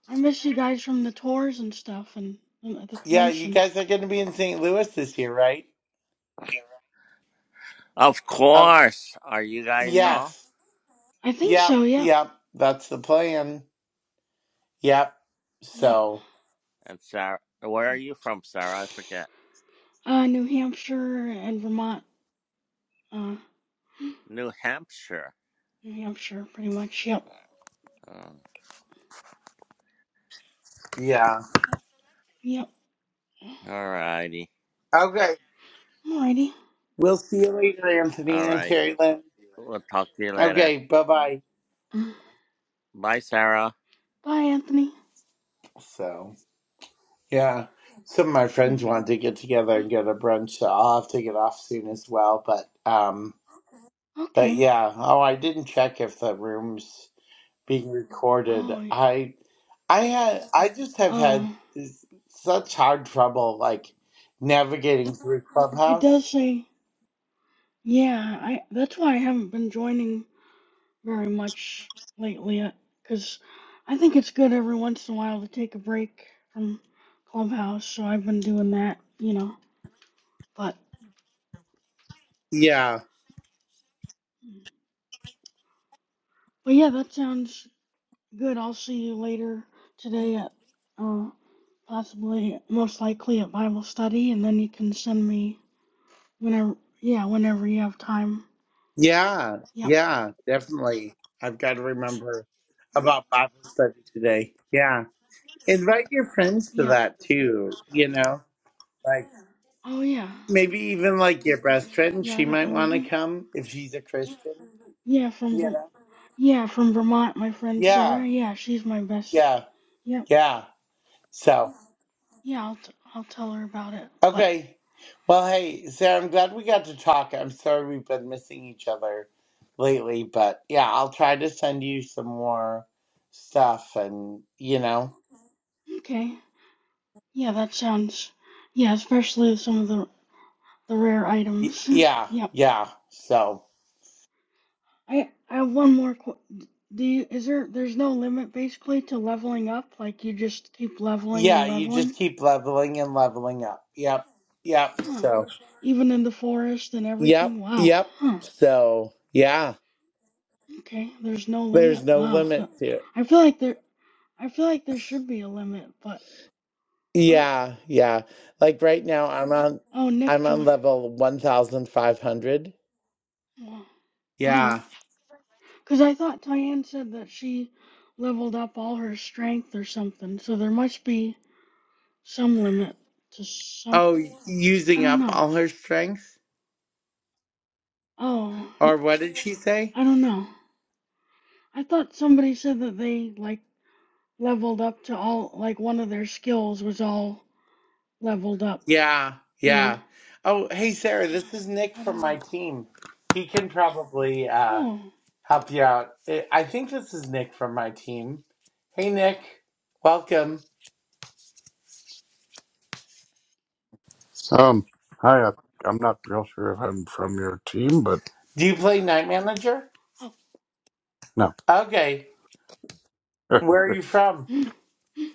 [SPEAKER 1] I miss you guys from the tours and stuff and, and at the
[SPEAKER 3] Yeah, you
[SPEAKER 1] convention.
[SPEAKER 3] guys are going to be in St. Louis this year, right?
[SPEAKER 4] Of
[SPEAKER 3] Um,
[SPEAKER 4] course. Are you guys
[SPEAKER 1] Yeah.
[SPEAKER 4] off?
[SPEAKER 3] yes.
[SPEAKER 1] I think
[SPEAKER 3] Yep.
[SPEAKER 1] so. Yeah.
[SPEAKER 3] Yep. That's the plan. Yep.
[SPEAKER 1] Yep.
[SPEAKER 3] So,
[SPEAKER 4] And Sarah, where
[SPEAKER 1] Hmm.
[SPEAKER 4] are you from, Sarah? I forget.
[SPEAKER 1] Uh, New Hampshire and Vermont. Uh,
[SPEAKER 4] New Hampshire.
[SPEAKER 1] New Hampshire, pretty much. Yep.
[SPEAKER 4] Oh.
[SPEAKER 3] yeah.
[SPEAKER 1] Yep.
[SPEAKER 4] All righty.
[SPEAKER 3] Okay.
[SPEAKER 1] Alrighty.
[SPEAKER 3] We'll see you later, Anthony
[SPEAKER 4] All
[SPEAKER 3] and
[SPEAKER 4] righty.
[SPEAKER 3] Terry Lynn.
[SPEAKER 4] We'll talk to you later.
[SPEAKER 3] Okay. Bye bye.
[SPEAKER 1] Mm.
[SPEAKER 4] Bye, Sarah.
[SPEAKER 1] Bye, Anthony.
[SPEAKER 3] So, yeah. Some of my
[SPEAKER 1] Mm.
[SPEAKER 3] friends want to get together and go to brunch, so I'll have to get off soon as well. But, um, but
[SPEAKER 1] Okay.
[SPEAKER 3] yeah. Oh, I didn't check if the rooms. being recorded.
[SPEAKER 1] Oh, it-
[SPEAKER 3] I I had I just have had
[SPEAKER 1] oh,
[SPEAKER 3] such hard trouble like navigating through
[SPEAKER 1] it does
[SPEAKER 3] Clubhouse.
[SPEAKER 1] say. Yeah, I. That's why I haven't been joining very much lately, because I think it's good every once in a while to take a break from Clubhouse. So I've been doing that, you know. But,
[SPEAKER 3] Yeah,
[SPEAKER 1] mm. but yeah, that sounds good. I'll see you later today at uh, possibly, most likely, a Bible study, and then you can send me whenever, yeah, whenever you have time.
[SPEAKER 3] yeah,
[SPEAKER 1] Yep,
[SPEAKER 3] yeah, definitely. I've got to remember about Bible study today. Yeah, invite your friends to
[SPEAKER 1] yep.
[SPEAKER 3] that too. You know, like
[SPEAKER 1] Oh, yeah.
[SPEAKER 3] maybe even like your best friend.
[SPEAKER 1] Yeah, I
[SPEAKER 3] She
[SPEAKER 1] don't
[SPEAKER 3] might want to
[SPEAKER 1] really.
[SPEAKER 3] come if she's a Christian.
[SPEAKER 1] Yeah, from
[SPEAKER 3] You
[SPEAKER 1] Ver-
[SPEAKER 3] know.
[SPEAKER 1] yeah, from Vermont, my friend
[SPEAKER 3] Yeah,
[SPEAKER 1] Sarah. Yeah, she's my best.
[SPEAKER 3] yeah,
[SPEAKER 1] Yep.
[SPEAKER 3] yeah. So.
[SPEAKER 1] Yeah, I'll t- I'll tell her about it. But
[SPEAKER 3] Okay. Well, hey, Sarah, I'm glad we got to talk. I'm sorry we've been missing each other lately, but yeah, I'll try to send you some more stuff and, you know,
[SPEAKER 1] okay. Yeah, that sounds. Yeah, especially some of the the rare
[SPEAKER 3] y-
[SPEAKER 1] items.
[SPEAKER 3] yeah,
[SPEAKER 1] [laughs] yep.
[SPEAKER 3] yeah. So,
[SPEAKER 1] I I have one more. Qu- do you, is there there's no limit basically to leveling up? Like you just keep leveling
[SPEAKER 3] yeah,
[SPEAKER 1] and
[SPEAKER 3] you
[SPEAKER 1] leveling?
[SPEAKER 3] just keep leveling and leveling up. Yep, yep.
[SPEAKER 1] Huh.
[SPEAKER 3] So,
[SPEAKER 1] Even in the forest and
[SPEAKER 3] yep,
[SPEAKER 1] everything. Wow.
[SPEAKER 3] yep.
[SPEAKER 1] Huh.
[SPEAKER 3] So, yeah,
[SPEAKER 1] Okay. There's no
[SPEAKER 3] there's
[SPEAKER 1] limit.
[SPEAKER 3] no
[SPEAKER 1] Wow.
[SPEAKER 3] limit
[SPEAKER 1] Huh.
[SPEAKER 3] to it.
[SPEAKER 1] I feel like there. I feel like there should be a limit, but oh,
[SPEAKER 3] Yeah, yeah. Like right now, I'm on.
[SPEAKER 1] oh, Nick
[SPEAKER 3] I'm on
[SPEAKER 1] joined.
[SPEAKER 3] level 1500.
[SPEAKER 1] Wow. Uh huh.
[SPEAKER 3] Yeah.
[SPEAKER 1] Cause I thought Tyann said that she leveled up all her strength or something, so there must be some limit to some.
[SPEAKER 3] Oh,
[SPEAKER 1] I
[SPEAKER 3] using
[SPEAKER 1] don't
[SPEAKER 3] up
[SPEAKER 1] know.
[SPEAKER 3] all her strength?
[SPEAKER 1] Oh, y-
[SPEAKER 3] Or what did she say?
[SPEAKER 1] I don't know. I thought somebody said that they like leveled up to all like one of their skills was all leveled up.
[SPEAKER 3] Yeah,
[SPEAKER 1] You know.
[SPEAKER 3] yeah. Oh, hey, Sarah, this is Nick
[SPEAKER 1] I
[SPEAKER 3] from
[SPEAKER 1] don't know.
[SPEAKER 3] my team. He can probably uh,
[SPEAKER 1] Oh,
[SPEAKER 3] help you out. I I think this is Nick from my team. Hey, Nick, welcome.
[SPEAKER 5] Um, hi, I- I'm not real sure if I'm from your team, but
[SPEAKER 3] Do you play Night Manager?
[SPEAKER 1] oh,
[SPEAKER 5] no,
[SPEAKER 3] Okay.
[SPEAKER 5] [laughs]
[SPEAKER 3] Where are you from?
[SPEAKER 1] mm, mm,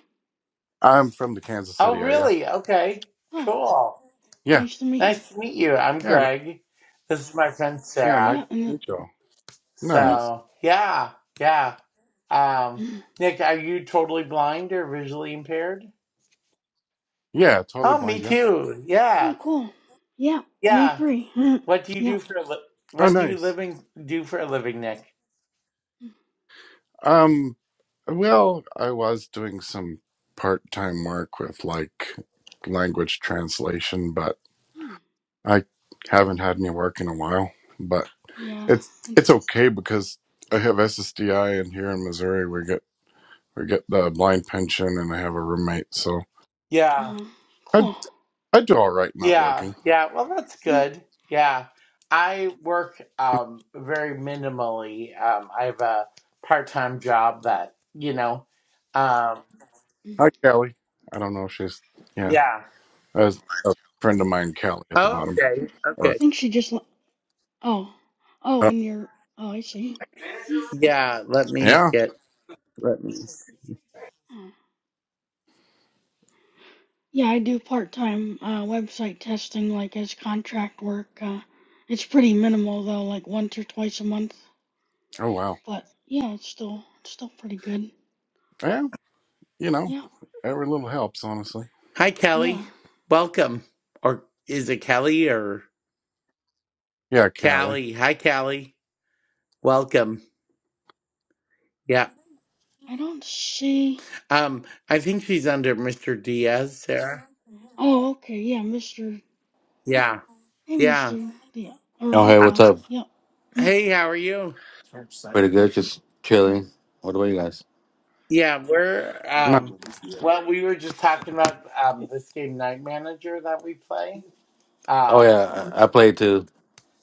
[SPEAKER 5] I'm from the Kansas City
[SPEAKER 3] Oh,
[SPEAKER 5] area.
[SPEAKER 3] really? Okay.
[SPEAKER 1] oh,
[SPEAKER 3] Cool.
[SPEAKER 5] Yeah,
[SPEAKER 1] nice to meet you.
[SPEAKER 3] Nice to meet you. I'm
[SPEAKER 5] yeah, n-
[SPEAKER 3] Greg. This is my friend
[SPEAKER 5] yeah.
[SPEAKER 3] Sarah.
[SPEAKER 5] Nice
[SPEAKER 1] Yep, yeah, and
[SPEAKER 5] to meet you. all.
[SPEAKER 1] yep.
[SPEAKER 5] Nice.
[SPEAKER 3] So yeah, yeah. Um,
[SPEAKER 1] mm,
[SPEAKER 3] Nick, are you totally blind or visually impaired?
[SPEAKER 5] Yeah, totally
[SPEAKER 3] Oh,
[SPEAKER 5] blind.
[SPEAKER 3] me
[SPEAKER 5] Yeah.
[SPEAKER 3] too. Yeah,
[SPEAKER 1] Oh, cool. Yep, yeah, me
[SPEAKER 3] yeah.
[SPEAKER 1] three. [laughs] mm,
[SPEAKER 3] What do you do
[SPEAKER 1] Yep.
[SPEAKER 3] for a li-
[SPEAKER 5] Oh,
[SPEAKER 3] what do you
[SPEAKER 5] nice.
[SPEAKER 3] living do for a living, Nick?
[SPEAKER 5] Um, well, I was doing some part-time work with like language translation, but
[SPEAKER 1] mm,
[SPEAKER 5] I haven't had any work in a while. But
[SPEAKER 1] Yeah,
[SPEAKER 5] it's
[SPEAKER 1] and,
[SPEAKER 5] it's okay because I have SSDI, and here in Missouri we get we get the blind pension, and I have a roommate, so.
[SPEAKER 3] Yeah,
[SPEAKER 1] uh,
[SPEAKER 5] I
[SPEAKER 1] cool.
[SPEAKER 5] I do all right not
[SPEAKER 3] yeah,
[SPEAKER 5] working.
[SPEAKER 3] yeah. Well, that's
[SPEAKER 1] Mm,
[SPEAKER 3] good. Yeah, I work um very minimally. Um, I have a part time job that you know. Um,
[SPEAKER 1] mm.
[SPEAKER 5] Hi, Callie. I don't know if she's yeah.
[SPEAKER 1] Oh,
[SPEAKER 3] yeah.
[SPEAKER 5] As a friend of mine, Callie, at the
[SPEAKER 3] Oh,
[SPEAKER 5] bottom.
[SPEAKER 3] okay.
[SPEAKER 1] I
[SPEAKER 5] Or
[SPEAKER 3] Okay.
[SPEAKER 1] think she just, oh, oh,
[SPEAKER 5] uh,
[SPEAKER 1] and you're, oh, I see. Mm,
[SPEAKER 3] Yeah. Let me
[SPEAKER 5] yeah.
[SPEAKER 3] get. Let me.
[SPEAKER 1] oh. Yeah, I do part-time, uh, website testing, like as contract work. Uh, it's pretty minimal though, like once or twice a month.
[SPEAKER 5] Oh wow.
[SPEAKER 1] But yeah, it's still, it's still pretty good.
[SPEAKER 5] Yeah. You know,
[SPEAKER 1] Yeah.
[SPEAKER 5] every little helps, honestly.
[SPEAKER 3] Hi, Kelly.
[SPEAKER 1] Yeah,
[SPEAKER 3] Welcome. Or is it Kelly or
[SPEAKER 5] Yeah, Callie.
[SPEAKER 3] Callie? Hi, Callie. Welcome. Yeah.
[SPEAKER 1] I don't see.
[SPEAKER 3] Um, I think she's under Mr. Diaz, Sarah.
[SPEAKER 1] Oh, okay. Yeah, Mr.
[SPEAKER 3] Yeah.
[SPEAKER 1] Hey,
[SPEAKER 3] Yeah.
[SPEAKER 1] Mr. Yeah. Or
[SPEAKER 6] Oh,
[SPEAKER 1] hi,
[SPEAKER 6] hey,
[SPEAKER 3] Uh,
[SPEAKER 6] what's
[SPEAKER 1] Callie.
[SPEAKER 6] up?
[SPEAKER 1] Yep. Mm,
[SPEAKER 3] Hey, how are you?
[SPEAKER 6] Pretty good, just
[SPEAKER 1] mm.
[SPEAKER 6] chilling. What about you guys?
[SPEAKER 3] Yeah, we're
[SPEAKER 5] No,
[SPEAKER 3] um well, we were just talking about um this game Night Manager that we play.
[SPEAKER 6] Oh
[SPEAKER 3] Um
[SPEAKER 6] yeah, I, I played too.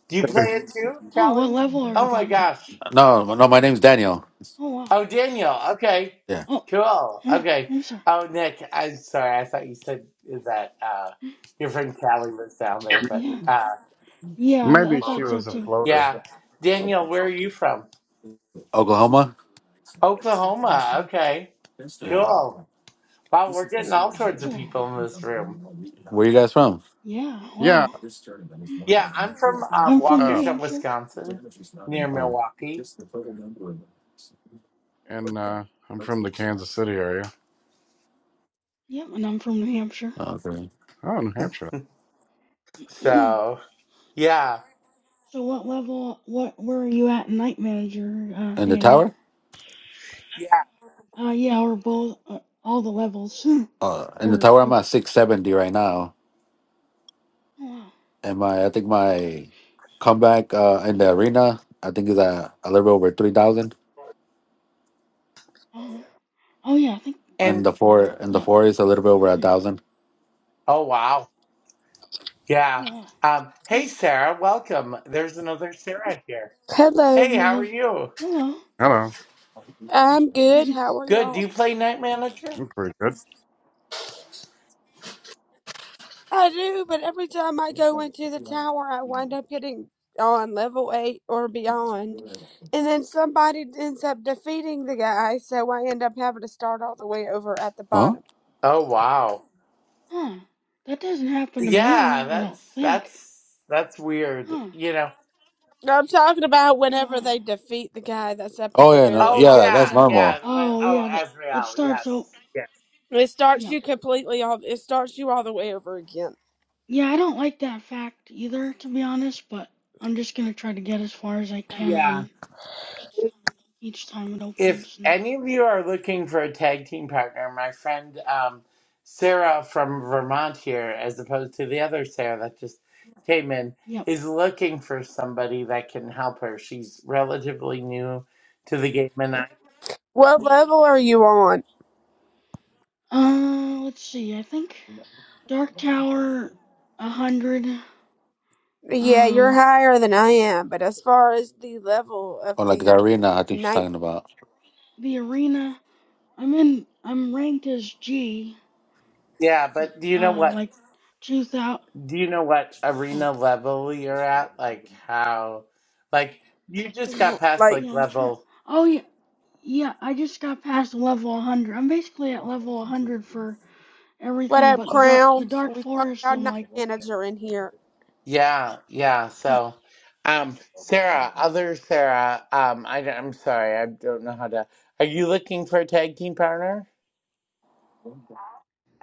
[SPEAKER 3] do you play it too,
[SPEAKER 1] Oh, what
[SPEAKER 3] Callie?
[SPEAKER 1] level are you
[SPEAKER 3] Oh my
[SPEAKER 1] guys at?
[SPEAKER 3] gosh.
[SPEAKER 6] No, no, my name's Daniel.
[SPEAKER 1] Oh, wow.
[SPEAKER 3] Oh, Daniel. Okay.
[SPEAKER 6] Yeah,
[SPEAKER 1] Oh,
[SPEAKER 3] Cool.
[SPEAKER 1] mm,
[SPEAKER 3] Okay.
[SPEAKER 1] I'm sorry.
[SPEAKER 3] Oh, Nick, I'm sorry. I thought you said that uh, your friend Callie was down there, but
[SPEAKER 1] Yeah.
[SPEAKER 3] uh,
[SPEAKER 1] Yeah, I, th- I
[SPEAKER 5] maybe she
[SPEAKER 1] thought so
[SPEAKER 5] was a
[SPEAKER 1] too.
[SPEAKER 5] floater.
[SPEAKER 3] yeah. Daniel, where are you from?
[SPEAKER 1] Mm,
[SPEAKER 6] Oklahoma.
[SPEAKER 3] Oklahoma. Okay.
[SPEAKER 6] Yeah,
[SPEAKER 3] Cool. Wow, we're getting all sorts of
[SPEAKER 1] Cool.
[SPEAKER 3] people in this room.
[SPEAKER 6] where you guys from?
[SPEAKER 1] Yeah,
[SPEAKER 5] Yeah.
[SPEAKER 1] wow.
[SPEAKER 3] Yeah, I'm from um,
[SPEAKER 1] I'm from
[SPEAKER 5] Uh,
[SPEAKER 1] New
[SPEAKER 3] Waukesha,
[SPEAKER 1] Hampshire.
[SPEAKER 3] Wisconsin, near
[SPEAKER 6] Oh,
[SPEAKER 3] Milwaukee.
[SPEAKER 5] and uh, I'm from the Kansas City area.
[SPEAKER 1] Yep, and I'm from New Hampshire.
[SPEAKER 6] okay.
[SPEAKER 5] Oh, New Hampshire.
[SPEAKER 1] [clears throat] so
[SPEAKER 3] So, yeah.
[SPEAKER 1] what level, what, where are you at in Night Manager, uh,
[SPEAKER 6] In the
[SPEAKER 1] Daniel?
[SPEAKER 6] tower?
[SPEAKER 3] Yeah.
[SPEAKER 1] Uh, yeah, we're both, uh, all the levels. [laughs]
[SPEAKER 6] Uh, in the
[SPEAKER 1] or
[SPEAKER 6] tower, I'm
[SPEAKER 1] if,
[SPEAKER 6] at six seventy right now,
[SPEAKER 1] oh, wow.
[SPEAKER 6] and my I think my
[SPEAKER 1] Yep.
[SPEAKER 6] comeback uh in
[SPEAKER 1] hmm.
[SPEAKER 6] the arena I think is at a little bit over three thousand,
[SPEAKER 1] Uh-huh. Oh yeah, I think
[SPEAKER 3] And,
[SPEAKER 6] and the four and the
[SPEAKER 1] yeah.
[SPEAKER 6] four is a little bit over a
[SPEAKER 1] Hmm.
[SPEAKER 6] thousand.
[SPEAKER 3] oh, wow.
[SPEAKER 1] Oh
[SPEAKER 3] Yeah.
[SPEAKER 1] wow.
[SPEAKER 3] Um,
[SPEAKER 1] Hmm.
[SPEAKER 3] hey, Sarah, welcome. There's another Sarah here.
[SPEAKER 7] Hello,
[SPEAKER 3] Hey,
[SPEAKER 1] No,
[SPEAKER 3] how are
[SPEAKER 1] there's
[SPEAKER 3] you?
[SPEAKER 1] hello. [laughs]
[SPEAKER 5] Hello.
[SPEAKER 7] I'm good.
[SPEAKER 1] Hmm.
[SPEAKER 7] How are
[SPEAKER 3] Good. Do
[SPEAKER 7] y'all?
[SPEAKER 3] you play Night Manager?
[SPEAKER 5] I'm pretty good.
[SPEAKER 7] I do, but every time I go into the tower, I wind up getting on level 8 or beyond. And then somebody ends up defeating the guy, so I end up having to start all the way over at the bottom.
[SPEAKER 3] Oh wow.
[SPEAKER 1] huh. That doesn't happen to
[SPEAKER 3] Yeah,
[SPEAKER 1] me, I don't
[SPEAKER 3] that's
[SPEAKER 1] think.
[SPEAKER 3] that's that's weird.
[SPEAKER 1] Huh.
[SPEAKER 3] You know.
[SPEAKER 7] I'm talking about
[SPEAKER 1] Oh
[SPEAKER 7] whenever
[SPEAKER 1] wow.
[SPEAKER 7] they defeat the guy that's up at
[SPEAKER 6] Oh
[SPEAKER 7] the
[SPEAKER 6] yeah,
[SPEAKER 7] very
[SPEAKER 6] no,
[SPEAKER 3] Oh
[SPEAKER 7] top
[SPEAKER 6] yeah,
[SPEAKER 7] of the
[SPEAKER 3] yeah,
[SPEAKER 6] that's
[SPEAKER 7] tower.
[SPEAKER 3] yeah.
[SPEAKER 6] normal.
[SPEAKER 3] When,
[SPEAKER 1] Oh
[SPEAKER 3] oh,
[SPEAKER 1] yeah, the, it
[SPEAKER 3] Azrael.
[SPEAKER 1] starts oh
[SPEAKER 3] Yes. Yeah.
[SPEAKER 7] It starts
[SPEAKER 1] yeah.
[SPEAKER 7] you completely all it starts you all the way over again.
[SPEAKER 1] Yeah, I don't like that fact either to be honest, but I'm just gonna try to get as far as I can
[SPEAKER 3] Yeah.
[SPEAKER 1] and each time it
[SPEAKER 3] If
[SPEAKER 1] opens and
[SPEAKER 3] any of you are looking for a tag team partner, my friend um, Sarah from Vermont here, as opposed to the other Sarah that just came in,
[SPEAKER 1] yep.
[SPEAKER 3] is looking for somebody that can help her. She's relatively new to the game, and I,
[SPEAKER 7] What level are you on?
[SPEAKER 1] Uh let's see, I think Dark Tower a hundred,
[SPEAKER 7] Yeah, you're
[SPEAKER 1] um
[SPEAKER 7] higher than I am, but as far as the level
[SPEAKER 6] Or
[SPEAKER 7] of
[SPEAKER 6] like the
[SPEAKER 7] the
[SPEAKER 6] arena, I think she's talking about.
[SPEAKER 1] the arena I'm in. I'm ranked as G.
[SPEAKER 3] yeah. But do you know
[SPEAKER 1] Uh,
[SPEAKER 3] what?
[SPEAKER 1] like two thousand.
[SPEAKER 3] Do you know what
[SPEAKER 1] Oh,
[SPEAKER 3] arena level you're at? Like how, like you just got past
[SPEAKER 7] Like,
[SPEAKER 3] like
[SPEAKER 1] yeah. I'm trying.
[SPEAKER 3] level.
[SPEAKER 1] Oh, yeah. Yeah. I just got past level 100. I'm basically at level 100 for
[SPEAKER 7] what
[SPEAKER 1] everything
[SPEAKER 7] up,
[SPEAKER 1] but the dark. The
[SPEAKER 7] Crowns?
[SPEAKER 1] dark
[SPEAKER 7] We talking
[SPEAKER 1] forest.
[SPEAKER 7] about
[SPEAKER 1] I'm
[SPEAKER 7] night
[SPEAKER 1] like,
[SPEAKER 7] manager in here.
[SPEAKER 3] Yeah, yeah.
[SPEAKER 1] what?
[SPEAKER 3] So, um,
[SPEAKER 1] Yeah.
[SPEAKER 3] Sarah, other Sarah, um, I, am sorry, I don't know how to. Are you looking for a tag team partner?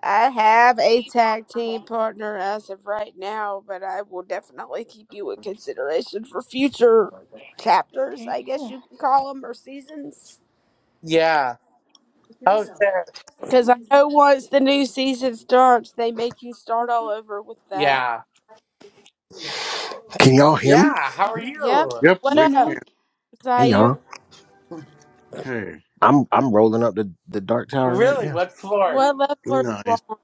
[SPEAKER 7] I have a tag team partner as of right now, but I will definitely keep you in consideration for future chapters,
[SPEAKER 1] Okay.
[SPEAKER 7] I guess
[SPEAKER 1] Cool.
[SPEAKER 7] you can call them, or seasons.
[SPEAKER 3] Yeah. Oh, Sarah.
[SPEAKER 7] Because I know once the new season starts, they make you start all over with that.
[SPEAKER 3] Yeah.
[SPEAKER 8] Can y'all hear me?
[SPEAKER 3] Yeah. How are you?
[SPEAKER 7] Yep.
[SPEAKER 5] Yep,
[SPEAKER 7] What
[SPEAKER 1] Yeah.
[SPEAKER 5] we
[SPEAKER 1] Now
[SPEAKER 7] up,
[SPEAKER 1] we.
[SPEAKER 5] can.
[SPEAKER 1] c-
[SPEAKER 8] Hey
[SPEAKER 7] Zaire?
[SPEAKER 8] y'all.
[SPEAKER 5] Hey.
[SPEAKER 8] I'm I'm rolling up the, the dark tower right
[SPEAKER 3] Really?
[SPEAKER 8] now.
[SPEAKER 3] What floor?
[SPEAKER 7] What level are you
[SPEAKER 5] Nice.
[SPEAKER 7] on?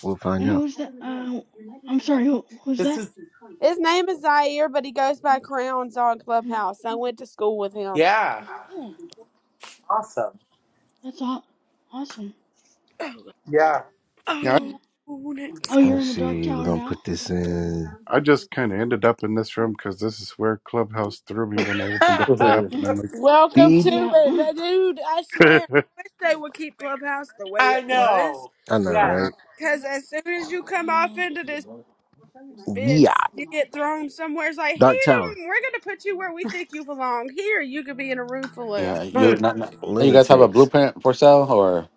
[SPEAKER 8] We'll find
[SPEAKER 1] And
[SPEAKER 8] out.
[SPEAKER 1] who's that? Uh, I'm sorry. Who, who's
[SPEAKER 3] This
[SPEAKER 1] that?
[SPEAKER 3] is,
[SPEAKER 7] His name is Zaire, but he goes by Crowns on
[SPEAKER 1] Mm,
[SPEAKER 7] Clubhouse. I went to school with him.
[SPEAKER 3] yeah.
[SPEAKER 1] Cool.
[SPEAKER 3] Awesome.
[SPEAKER 1] That's aw- awesome.
[SPEAKER 3] Yeah.
[SPEAKER 5] Yeah.
[SPEAKER 1] Hmm.
[SPEAKER 7] Oh,
[SPEAKER 1] Oh,
[SPEAKER 8] Let
[SPEAKER 1] you're
[SPEAKER 8] me
[SPEAKER 1] in the dark
[SPEAKER 8] see. We're
[SPEAKER 1] tower
[SPEAKER 8] gonna
[SPEAKER 1] now.
[SPEAKER 8] put
[SPEAKER 1] [laughs]
[SPEAKER 8] this in
[SPEAKER 5] I just kind of ended up in this room because this is where Clubhouse threw me when I
[SPEAKER 3] [laughs]
[SPEAKER 5] opened up the app, and
[SPEAKER 1] Mm,
[SPEAKER 5] I'm
[SPEAKER 7] Welcome
[SPEAKER 8] speed.
[SPEAKER 7] to
[SPEAKER 1] Yeah. [clears throat]
[SPEAKER 7] it,
[SPEAKER 1] mm,
[SPEAKER 7] Now, dude. I swear,
[SPEAKER 5] like,
[SPEAKER 7] I wish they would keep Clubhouse the way
[SPEAKER 3] I
[SPEAKER 7] it was.
[SPEAKER 3] know.
[SPEAKER 8] I know,
[SPEAKER 3] Yes.
[SPEAKER 8] right?
[SPEAKER 7] Cause as soon as you
[SPEAKER 1] I
[SPEAKER 7] come off
[SPEAKER 1] know.
[SPEAKER 7] into this
[SPEAKER 8] Yeah.
[SPEAKER 7] bitch, you get thrown somewhere. It's like,
[SPEAKER 8] Dark Tower.
[SPEAKER 7] here, we're gonna put you where we think you belong. Here, you could be in a room full of.
[SPEAKER 6] Yeah,
[SPEAKER 3] [laughs]
[SPEAKER 6] you not, not you guys have a
[SPEAKER 8] Lunatics.
[SPEAKER 6] blueprint for sale, or